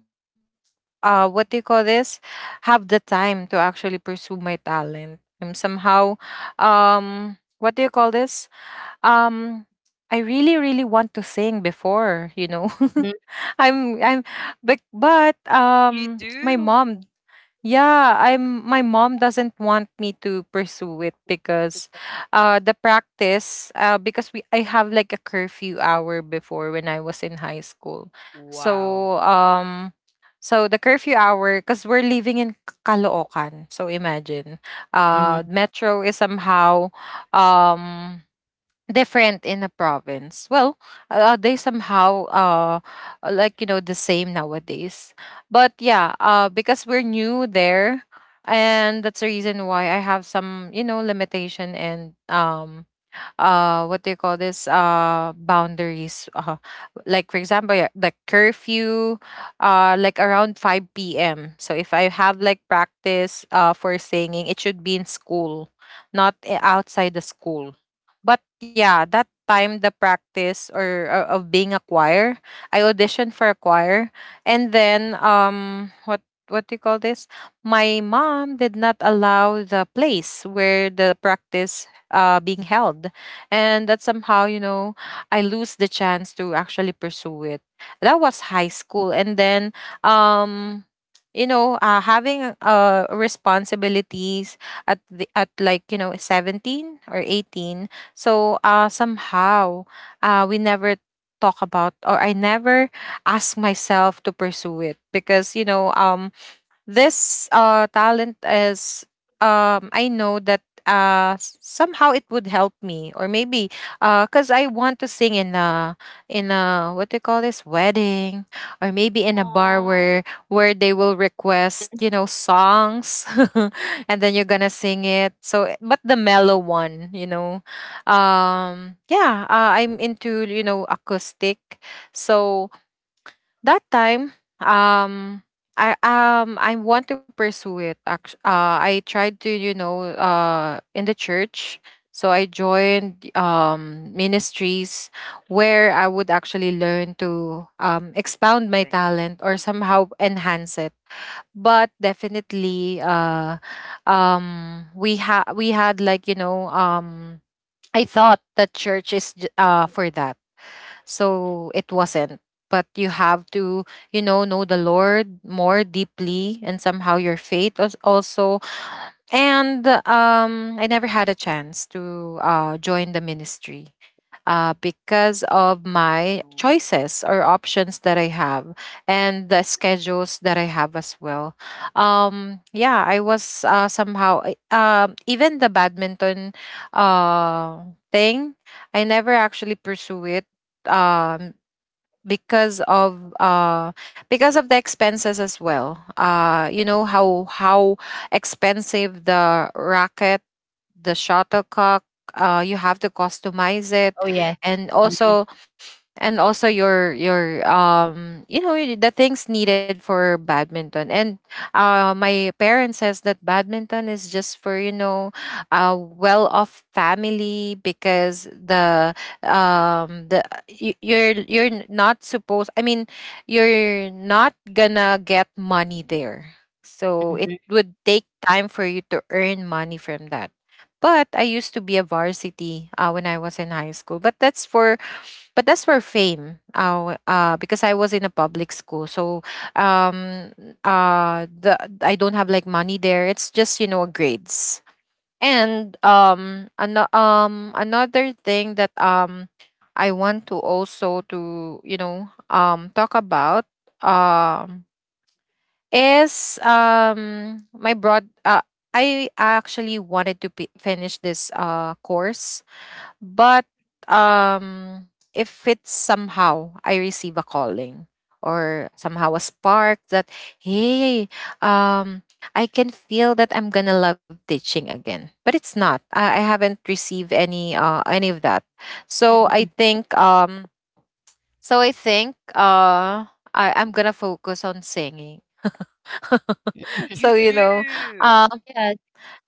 Speaker 2: uh what do you call this, have the time to actually pursue my talent. I'm somehow, what do you call this, um I really, really want to sing before, you know.
Speaker 3: Mhm,
Speaker 2: I'm but
Speaker 1: You
Speaker 2: My
Speaker 1: do?
Speaker 2: mom, yeah, I'm my mom doesn't want me to pursue it because the practice because we I have like a curfew hour before when I was in high school.
Speaker 1: Wow.
Speaker 2: So so the curfew hour, because we're living in Caloocan. So imagine
Speaker 3: mhm.
Speaker 2: metro is somehow um different in a province. Well, they somehow like, you know, the same nowadays. But yeah, because we're new there, and that's the reason
Speaker 1: Mm-mm.
Speaker 2: why I have some, you know, limitation and, what do you call this, boundaries, like for example yeah, the curfew, like around 5 p.m., so if I have like practice for singing, it should be in school, not outside the school. But yeah, that time the practice, or of being a choir, I auditioned for a choir, and then what do you call this, my mom did not allow the place where the practice being held, and that somehow, you know, I lose the chance to actually pursue it. That was high school, and then um you know, having responsibilities at the, at, like, you know, 17 or 18. So somehow we never talk about, or I never ask myself to pursue it, because, you know, this, talent is, I know that, somehow it would help me, or maybe because I want to sing in a, in a, what do you call this, wedding, or maybe in a bar
Speaker 1: Aw.
Speaker 2: where they will request, you know, songs, and then you're gonna sing it. But the mellow one, I'm into acoustic, so that time um I want to pursue it I tried to in the church, so I joined ministries where I would actually learn to
Speaker 1: Good
Speaker 2: expound my
Speaker 1: thing.
Speaker 2: talent or somehow enhance it. But definitely we had like I thought that church is for that, so it wasn't. But you have to know the Lord more deeply, and somehow your faith also. And I never had a chance to join the ministry, because of my
Speaker 1: Mm-mm.
Speaker 2: choices or options that I have, and the schedules that I have as well. Um yeah i was somehow even the badminton uh thing, I never actually pursue it, um because of uh because of the expenses as well. You know how expensive the racket, the shuttlecock, you have to customize
Speaker 3: Oh
Speaker 2: it.
Speaker 3: yes.
Speaker 2: and
Speaker 3: Mm-hmm,
Speaker 2: also and also your you know, the things needed for badminton. And my parents says that badminton is just for, you know, a well off family, because the you're not supposed, I mean, you're not gonna get money there, so it
Speaker 3: mm-hmm.
Speaker 2: would take time for you to earn money from that. But I used to be a varsity when I was in high school, but that's for, but that's for fame, because I was in a public school. So um the I don't have like money there, it's just, you know, grades. And another thing that I want to also to, you know, talk about, um is my broad, I actually wanted to finish this course. But um, if it's somehow I receive a calling, or somehow a spark that, hey, um, I can feel that I'm gonna love teaching again. But it's not. I haven't received any of that.
Speaker 1: Mm.
Speaker 2: So
Speaker 3: Mm-hmm.
Speaker 2: I think I'm gonna focus on singing. So,
Speaker 1: You
Speaker 2: uh,
Speaker 1: do.
Speaker 3: Yes.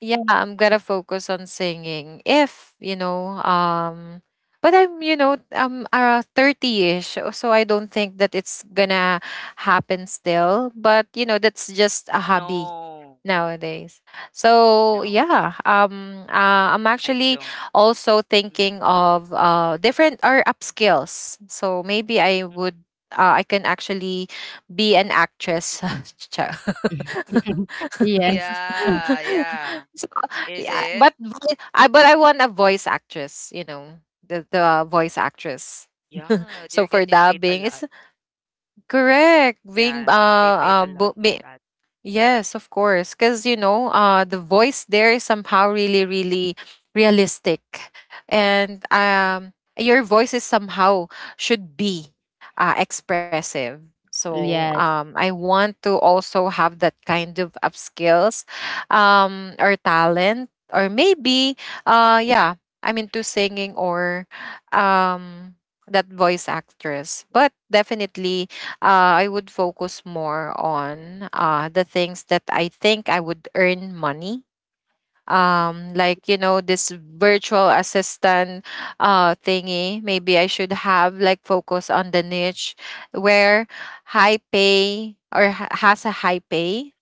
Speaker 2: yeah,
Speaker 1: Mm-mm.
Speaker 2: I'm gonna focus on singing if, you know, but I'm, you know, I'm 30ish, so I don't think that it's gonna happen still, but you know, that's just a hobby
Speaker 1: No,
Speaker 2: nowadays. So,
Speaker 1: no,
Speaker 2: yeah, I'm
Speaker 1: I
Speaker 2: actually
Speaker 1: don't.
Speaker 2: also
Speaker 1: Mm.
Speaker 2: thinking of different or upskills. So maybe I
Speaker 1: Mm-mm.
Speaker 2: would I can actually be an actress. Char.
Speaker 3: Yes.
Speaker 1: Yeah, yeah.
Speaker 2: So,
Speaker 1: Is
Speaker 2: yeah,
Speaker 1: it?
Speaker 2: but I want a voice actress, you know, the voice actress.
Speaker 1: Yeah,
Speaker 2: So
Speaker 1: they're
Speaker 2: for
Speaker 1: getting paid a
Speaker 2: dubbing, it's
Speaker 1: lot.
Speaker 2: correct
Speaker 1: Yeah,
Speaker 2: being
Speaker 1: they paid a lot for
Speaker 2: be,
Speaker 1: that.
Speaker 2: yes, of course. Because, you know, the voice there is somehow really, really realistic. And
Speaker 1: Mm-mm.
Speaker 2: your voice is somehow should be expressive. So
Speaker 3: Yes.
Speaker 2: I want to also have that kind of skills, or talent, or maybe, uh, yeah, I'm into singing or um, that voice actress. But definitely, I would focus more on the
Speaker 1: Mm-mm.
Speaker 2: things that I think I would earn money. Like you know, this virtual assistant thingy.
Speaker 1: Mm-mm.
Speaker 2: Maybe I should have like focus on the niche where high pay or has a high pay.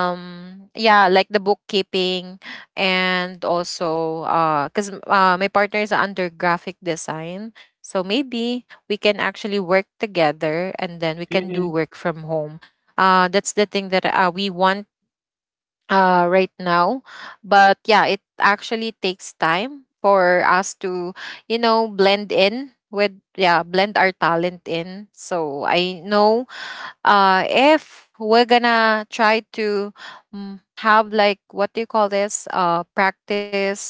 Speaker 1: Mm-mm.
Speaker 2: yeah, like the bookkeeping. And also because my partner is under graphic design, so maybe we can actually work together, and then we can
Speaker 3: hmm
Speaker 2: do work from home. That's the thing that we want right now. But yeah, it actually takes time for us to, you know, blend in with, yeah, blend our talent in. So I know, if we're gonna try to, have like, what do you call this, practice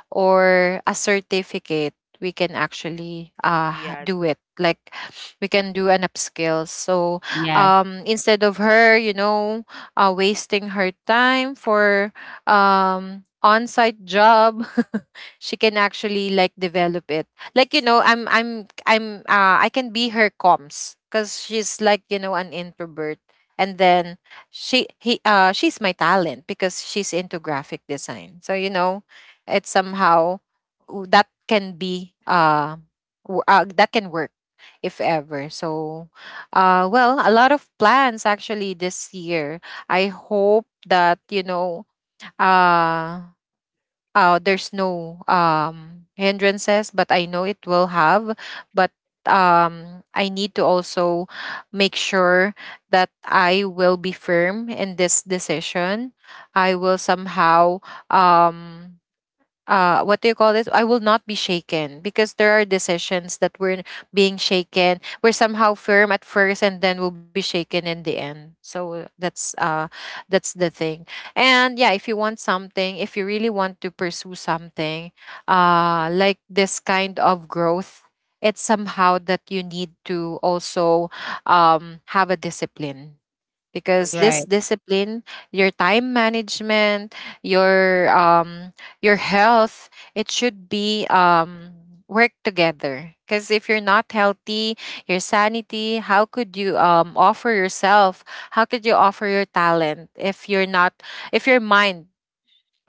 Speaker 2: or a certificate, we can actually
Speaker 1: Yeah,
Speaker 2: do it like, we can do an upskill. So
Speaker 3: yes.
Speaker 2: instead of her, you know, wasting her time for on-site job, she can actually like develop it. Like, you know, I can be her comms because she's like, you know, an introvert. And then she's my talent because she's into graphic design, so, you know, it's somehow, that can be that can work if ever. So well, a lot of plans actually this year. I hope that, you know, uh there's no hindrances, but I know it will have. But I need to also make sure that I will be firm in this decision. I will somehow um, what do you call this, I will not be shaken, because there are decisions that we're being shaken, we're somehow firm at first and then we'll be shaken in the end. So that's the thing. And yeah, if you want something, if you really want to pursue something, like this
Speaker 1: mm,
Speaker 2: kind of growth, it's somehow that you need to also have a discipline,
Speaker 1: for
Speaker 2: because
Speaker 1: sure.
Speaker 2: this
Speaker 3: Right.
Speaker 2: discipline, your time management, your um your health, it should be work together. Because if you're not healthy, your sanity, how could you offer yourself, how could you offer your talent if you're not, if your mind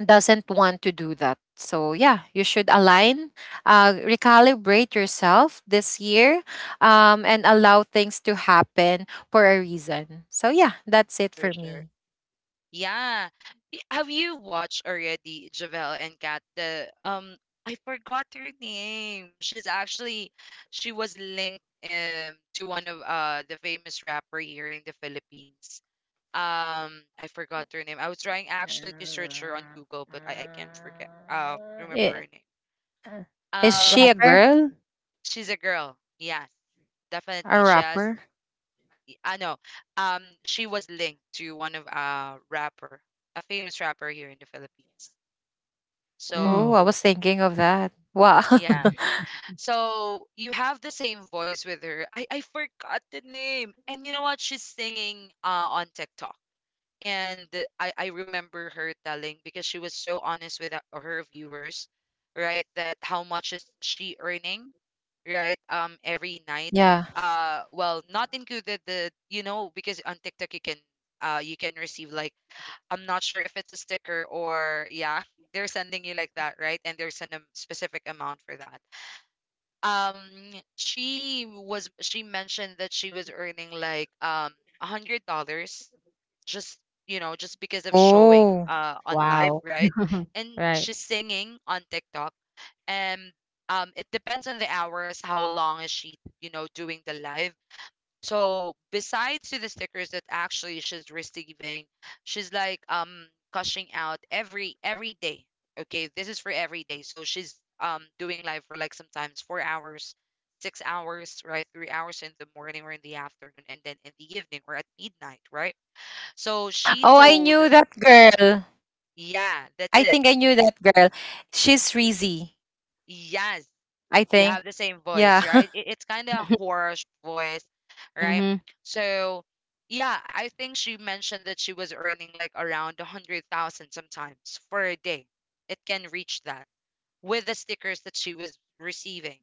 Speaker 2: doesn't want to do that. So yeah, you should align, recalibrate yourself this year, and allow things to happen for a
Speaker 1: Mm.
Speaker 2: reason. So yeah, that's it
Speaker 1: For
Speaker 2: for
Speaker 1: sure.
Speaker 2: me.
Speaker 1: Yeah. Have you watched already, Javel and Kat, the I forgot her name. she was linked to one of the famous rapper here in the Philippines. I forgot her name. I was trying actually to search her on Google, but I can't forget remember her
Speaker 2: Eh,
Speaker 1: name.
Speaker 2: uh, Is she
Speaker 1: Um
Speaker 2: a girl?
Speaker 1: she's a girl. Yes.
Speaker 2: A
Speaker 1: Definitely she has,
Speaker 2: rapper?
Speaker 1: I know. She was linked to one of rapper, a famous rapper here in the Philippines.
Speaker 2: Oh,
Speaker 3: Mm.
Speaker 2: I
Speaker 1: So
Speaker 2: was thinking of that. Wow.
Speaker 1: yeah. So you have the same voice with her. I forgot the name. And you know what? She's singing on TikTok. And I remember her telling, because she was so honest with her viewers, right? That how much is she earning, right? Every night.
Speaker 2: Yeah.
Speaker 1: Well, not included the, because on TikTok you can, receive like, I'm not sure if it's a sticker or, yeah, they're sending you like that, right? And there's a specific amount for that. Um, she mentioned that she was earning like $100 just just because of showing
Speaker 2: Oh.
Speaker 1: on live,
Speaker 3: Wow.
Speaker 1: right? And
Speaker 3: Right.
Speaker 1: she's singing on TikTok. And it depends on the hours, how long is she doing the live. So besides to the stickers that actually she's receiving, she's like cushing out every day. Okay, this is for every day, so she's doing live for like sometimes 4 hours, 6 hours, right, 3 hours in the morning or in the afternoon and then in the evening or at midnight, right? So she
Speaker 2: Oh, I
Speaker 1: told,
Speaker 2: knew that girl.
Speaker 1: yeah, that's
Speaker 2: I
Speaker 1: it.
Speaker 2: think I knew that girl. She's Reezy.
Speaker 1: Yes.
Speaker 2: I
Speaker 1: You
Speaker 2: think.
Speaker 1: have the same
Speaker 2: Yeah.
Speaker 1: voice, right? It's kind of harsh voice, right?
Speaker 3: Mm-hmm.
Speaker 1: So, yeah, I think she mentioned that she was earning like around 100,000 sometimes for a day. It can reach that with the stickers that she was receiving.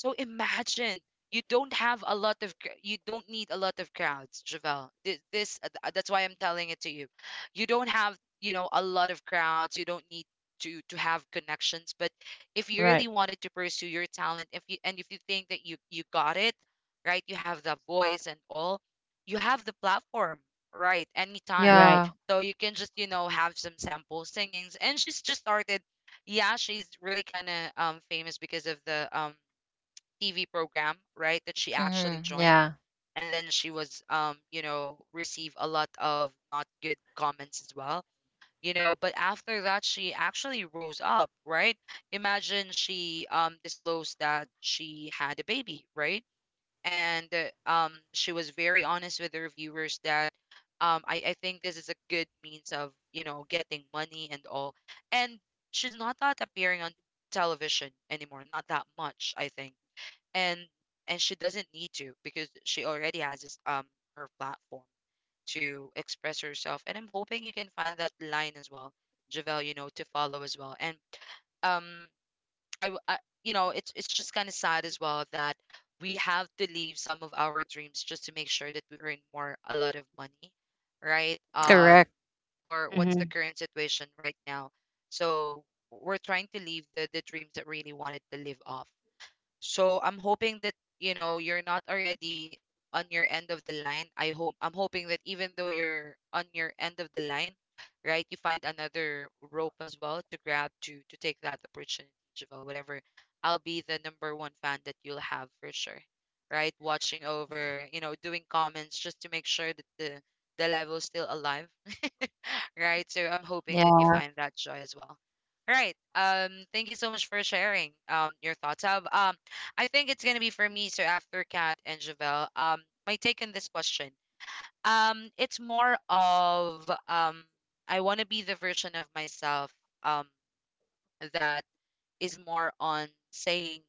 Speaker 1: So imagine, you don't have a lot of you don't need a lot of crowds, Javel. That's why I'm telling it to you. You don't have a lot of crowds. You don't need to have connections. But if you really
Speaker 3: Right.
Speaker 1: wanted to pursue your talent, if you and if you think that you got it, right, you have the voice and all, you have the platform, right, anytime.
Speaker 3: Right.
Speaker 2: Yeah.
Speaker 1: So you can just have some sample singings. And she's just started. Yeah, she's really kind of famous because of the TV program, right, that she actually
Speaker 2: Hmm.
Speaker 1: joined.
Speaker 2: Yeah.
Speaker 1: And then she was, you know, receive a lot of not good comments as well, you know. But after that, she actually rose up, right? Imagine, she disclosed that she had a baby, right? And she was very honest with her viewers that I think this is a good means of, you know, getting money and all. And she's not that appearing on television anymore, not that much, I think. and and she doesn't need to because she already has this, her platform to express herself. And I'm hoping you can find that line as well, Javel, you know, to follow as well. And um i, w- I- you know, it's just kind of sad as well that we have to leave some of our dreams just to make sure that we earn more a lot of money, right?
Speaker 2: Correct.
Speaker 1: Or what's the
Speaker 3: Mm-hmm,
Speaker 1: current situation right now? So we're trying to leave the dreams that really wanted to live off. So I'm hoping that, you know, you're not already on your end of the line. I hope I'm hoping that even though you're on your end of the line, right, you find another rope as well to grab to take that opportunity, Javel, whatever. I'll be the number one fan that you'll have for sure. Right? Watching over, you know, doing comments just to make sure that the live is still alive, right? So I'm hoping that you
Speaker 2: Yeah.
Speaker 1: find that joy as well. All right. Thank you so much for sharing your thoughts. I think it's gonna be for me. So after Kat and Javelle, my take on this question. It's more of I want to be the version of myself um that is more on saying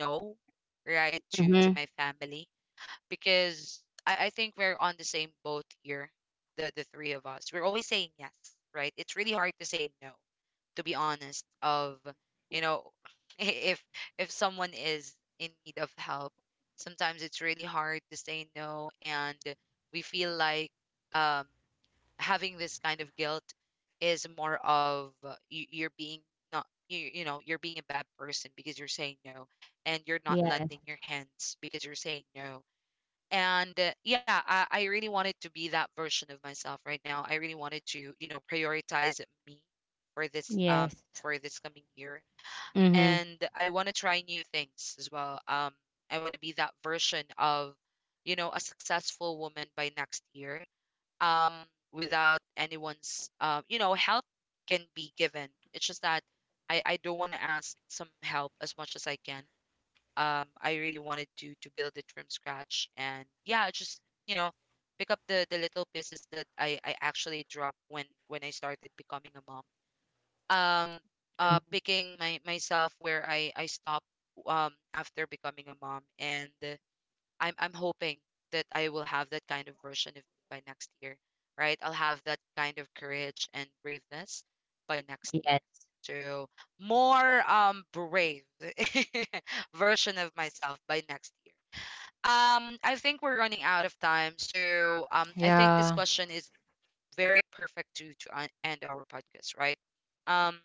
Speaker 1: no, right, to
Speaker 3: mm-hmm.
Speaker 1: my family, because I think we're on the same boat here, the three of us. We're always saying yes, right? It's really hard to say no, to be honest. Of you know, if if someone is in need of help, sometimes it's really hard to say no. And we feel like um having this kind of guilt is more of you're being not you're being a bad person because you're saying no, and you're not
Speaker 3: Yes,
Speaker 1: lending your hands because you're saying no. And yeah, I really wanted to be that version of myself right now. I really wanted to, you know, prioritize me for this um
Speaker 3: yes.
Speaker 1: for this coming year.
Speaker 3: Mhm,
Speaker 1: And I want to try new things as well. I want to be that version of, you know, a successful woman by next year. um Without anyone's you know help can be given, it's just that I don't want to ask some help as much as I can. I really wanted to build it from scratch. And yeah, just, you know, pick up the little pieces that I actually dropped when I started becoming a mom. um
Speaker 3: mhm.
Speaker 1: Picking my myself where I stopped after becoming a mom. And I'm hoping that I will have that kind of version of me by next year, right? I'll have that kind of courage and braveness by next year.
Speaker 3: Yes,
Speaker 1: So more brave version of myself by next year. I think we're running out of time, so I think this
Speaker 2: Yeah.
Speaker 1: question is very perfect end our podcast, right? Um,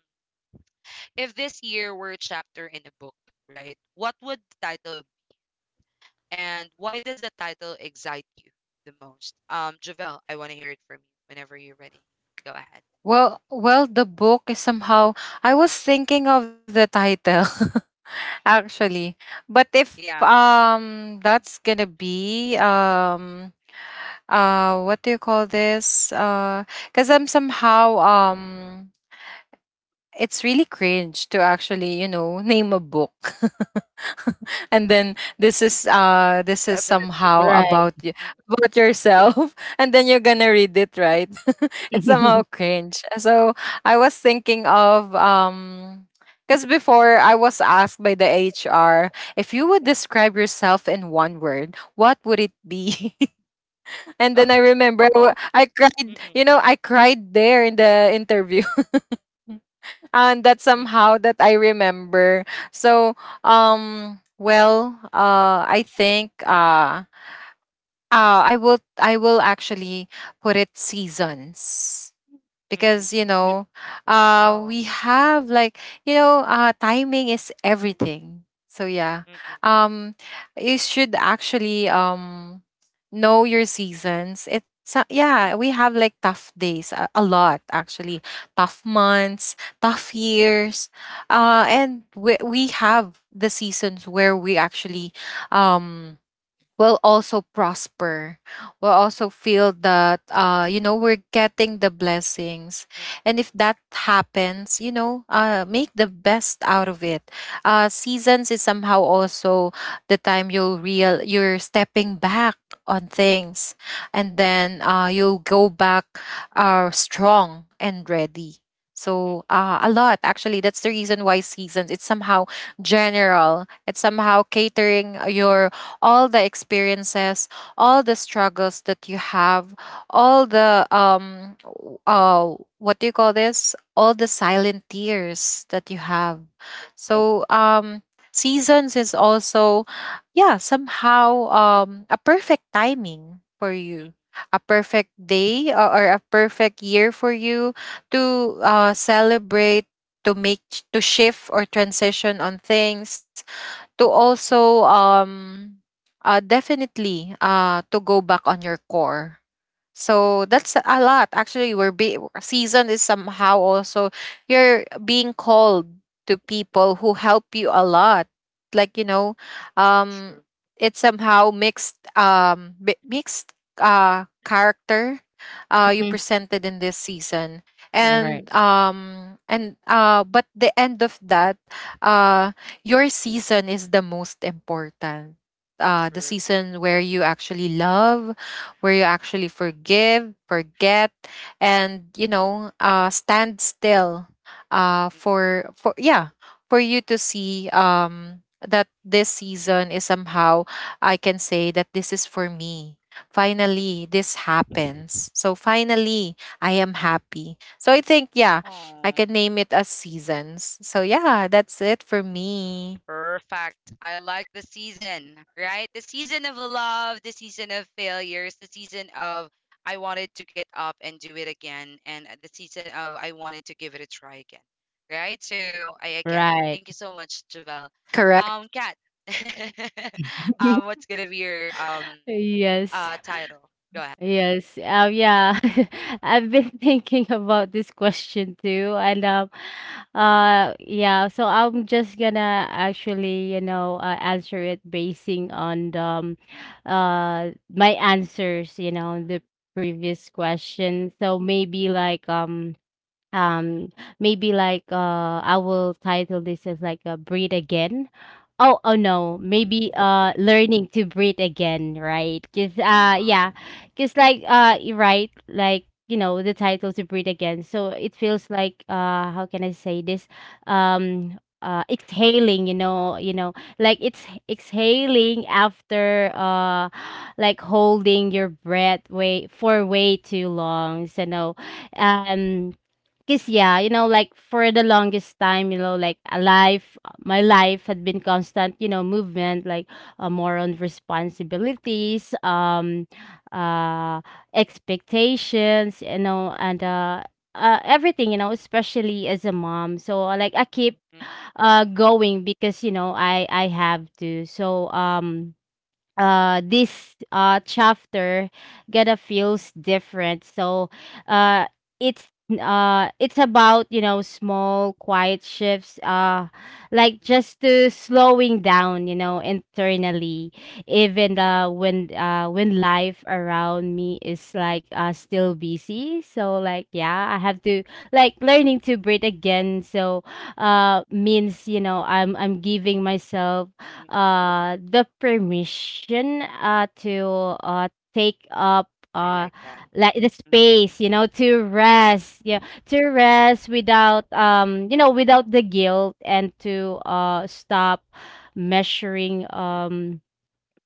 Speaker 1: if this year were a chapter in a book, right, what would the title, and why does the title excite you the most? Javel, I want to hear it from you whenever you're ready. Go ahead.
Speaker 2: Well, well, the book is somehow. I was thinking of the title, actually, but if
Speaker 1: Yeah,
Speaker 2: that's gonna be what do you call this, because I'm somehow it's really cringe to actually, you know, name a book, and then this is
Speaker 1: definitely.
Speaker 2: somehow
Speaker 3: right.
Speaker 2: about you, about yourself, and then you're gonna read it, right? It's somehow cringe. So I was thinking of, because before I was asked by the HR, if you would describe yourself in one word, what would it be? And then I
Speaker 1: Mm-mm.
Speaker 2: remember
Speaker 1: Oh, oh.
Speaker 2: I cried,
Speaker 1: Mm-mm,
Speaker 2: you know, I cried there in the interview. And that's
Speaker 1: mm-mm,
Speaker 2: somehow that I remember. So, well, I think uh, I will actually put it seasons.
Speaker 1: mm-mm.
Speaker 2: Because you know
Speaker 1: Wow.
Speaker 2: we have like, you know, timing is everything. So yeah,
Speaker 1: Mm-mm,
Speaker 2: um you should actually know your seasons. It's yeah, we have like tough days, a lot, actually, tough months, tough years, and we have the seasons where we actually um will also prosper, will also feel that, you know, we're getting the blessings.
Speaker 1: mm-mm,
Speaker 2: And if that happens, you know, make the best out of it. Seasons is somehow also the time you will real you're stepping back on things, and then you'll go back strong and ready.
Speaker 1: mm-mm,
Speaker 2: So a lot, actually, that's the reason why seasons, it's somehow general, it's somehow
Speaker 1: mm-mm,
Speaker 2: catering your all the experiences, all the struggles that you have, all the what do you call this? All the silent tears that you
Speaker 1: mm-mm,
Speaker 2: have.
Speaker 3: Right.
Speaker 2: So seasons is also, yeah, somehow a perfect timing for you.
Speaker 1: mm-mm.
Speaker 2: A perfect day, or a perfect year for you to celebrate, to make, to shift or transition on things, to also definitely to go back on your core. So that's a lot. Actually, season is somehow also you're being called to people who help you a lot. Like you know, um,
Speaker 1: True,
Speaker 2: it's somehow mixed mixed character you
Speaker 3: Mhm.
Speaker 2: presented in this season.
Speaker 3: Right,
Speaker 2: And but the end of that, uh your season is the most important, the
Speaker 1: true.
Speaker 2: season where you actually love, where you actually forgive, forget, and you know, stand still for, yeah, for you to see that this season is somehow, I can say that this is for
Speaker 1: Mm-mm,
Speaker 2: me.
Speaker 1: mm-mm,
Speaker 2: Finally, this
Speaker 1: mm-mm.
Speaker 2: happens. So finally, I am happy. So I think, yeah, I
Speaker 1: Aw.
Speaker 2: can name it as seasons. So yeah, that's it for me.
Speaker 1: Perfect. I like the season, right? The season of love, the season of failures, the season of I wanted to get up and do it again, and the season of I wanted to give it a try again, right? So I get it.
Speaker 3: right.
Speaker 1: Thank you so much,
Speaker 2: Correct.
Speaker 1: Javel. Kat, what's gonna be your
Speaker 3: Yes,
Speaker 1: title? Go ahead.
Speaker 3: yes. Yeah, I've been thinking about this question too, and yeah. So I'm just gonna actually, you know, answer it basing on the, my answers, you know, the previous question. So um maybe like I will title this as like a breathe again. Oh oh no,
Speaker 1: Mm,
Speaker 3: maybe
Speaker 1: mm,
Speaker 3: learning to breathe again, right? Because
Speaker 1: yeah.
Speaker 3: yeah, because like you're right, like you know the title to breathe again. So it feels like how can I say this? Exhaling, you know, you know, like it's exhaling after like holding your breath way for way too long. So no. um 'Cause yeah, you know, like for the longest time, you
Speaker 1: Mm,
Speaker 3: know, like a life, my life had been constant, you know, movement, like more on responsibilities, uh, expectations, you know, and
Speaker 1: mm,
Speaker 3: everything, you know, especially as a mom. So like I keep
Speaker 1: mm,
Speaker 3: going because you know I have to. So this chapter gonna feels different. So uh it's it's about you know small quiet shifts, like
Speaker 1: mm,
Speaker 3: just to slowing down, you know, internally, even when life around me is
Speaker 1: mm,
Speaker 3: like still busy. So like
Speaker 1: mm, mm,
Speaker 3: yeah I have to, like learning to breathe again. So means you know I'm giving myself
Speaker 1: mm.
Speaker 3: the permission to take up
Speaker 1: I
Speaker 3: uh
Speaker 1: like that.
Speaker 3: like the
Speaker 1: Mm,
Speaker 3: space, you know, to
Speaker 1: mm,
Speaker 3: rest, yeah, to rest without you know, without the guilt, and to stop
Speaker 1: mm,
Speaker 3: measuring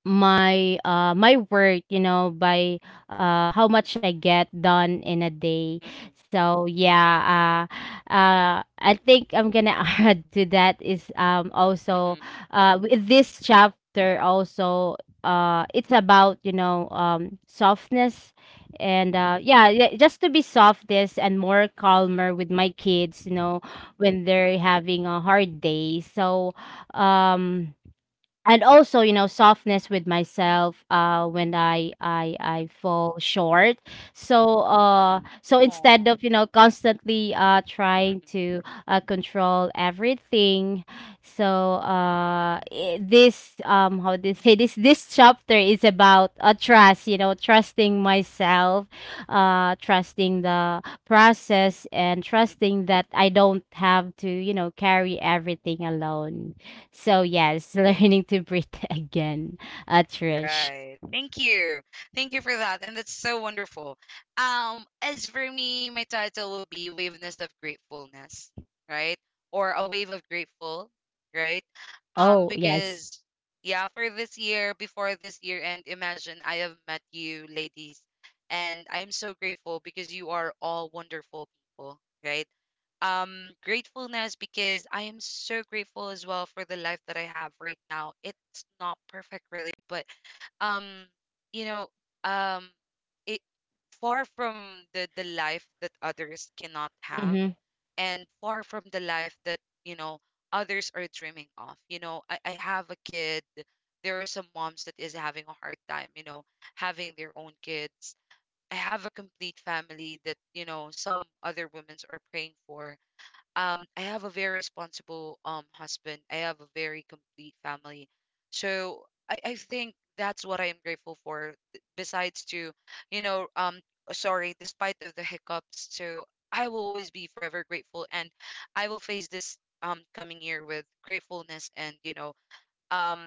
Speaker 3: my my work, you know, by how
Speaker 1: mm,
Speaker 3: much I get done in a day.
Speaker 1: mm, mm, mm,
Speaker 3: So yeah, I think I'm gonna add to that is
Speaker 1: mm, mm,
Speaker 3: also with this chapter also, it's about, you know, softness. And yeah, yeah, just to be softest and more
Speaker 1: mm,
Speaker 3: calmer with my kids, you know, when they're having a hard day. So um and also you know softness with myself when i i
Speaker 1: 嗯
Speaker 3: i fall short. So
Speaker 1: 嗯
Speaker 3: so
Speaker 1: 哦，
Speaker 3: instead of, you know, constantly
Speaker 1: 嗯嗯
Speaker 3: trying
Speaker 1: 嗯
Speaker 3: to control everything. So this, how they say this, this chapter is about a trust, you know, trusting myself, trusting the process, and
Speaker 1: 嗯嗯。
Speaker 3: trusting that I don't have to, you know, carry everything alone. So yes, learning to breathe again, Trish.
Speaker 1: Right. Thank you. Thank you for that. And that's so wonderful. As for me, my title will be Waveness of Gratefulness, right? Or a wave of grateful, right?
Speaker 3: Oh yes.
Speaker 1: Because yeah, for this year, before this year, and imagine I have met you ladies, and I'm so grateful because you are all wonderful people, right? Gratefulness, because I am so grateful as well for the life that I have right now. It's not perfect really, but um you know um it far from the life that others cannot have,
Speaker 3: Mm-hmm.
Speaker 1: and far from the life that, you know, others are dreaming of. You know, I have a kid. There are some moms that is having a hard time, you know, having their own kids. I have a complete family that, you know, some other women's are praying for. I have a very responsible husband. I have a very complete family. So I think that's what I am grateful for besides to, you know, sorry, despite of the hiccups. So I will always be forever grateful, and I will face this coming year with gratefulness, and you know, um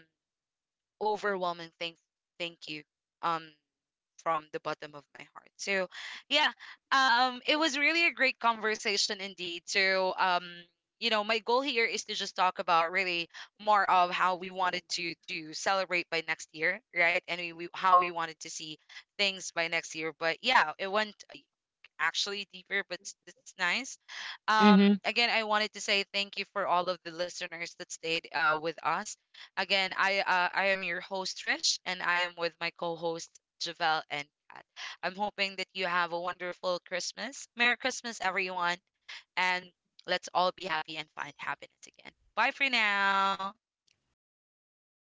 Speaker 1: overwhelming thank thank you. Um from the bottom of my heart. So, yeah, it was really a great conversation indeed. So, you know, my goal here is to just talk about really more of how we wanted to celebrate by next year, right? And we how we wanted to see things by next year. But yeah, it went actually deeper, but it's nice.
Speaker 3: Mm-hmm.
Speaker 1: Again, I wanted to say thank you for all of the listeners that stayed with us. Again, I am your host Trish, and I am with my co-host Javel and Kat. I'm hoping that you have a wonderful Christmas. Merry Christmas, everyone. And let's all be happy and find happiness again. Bye for now.
Speaker 3: Bye guys.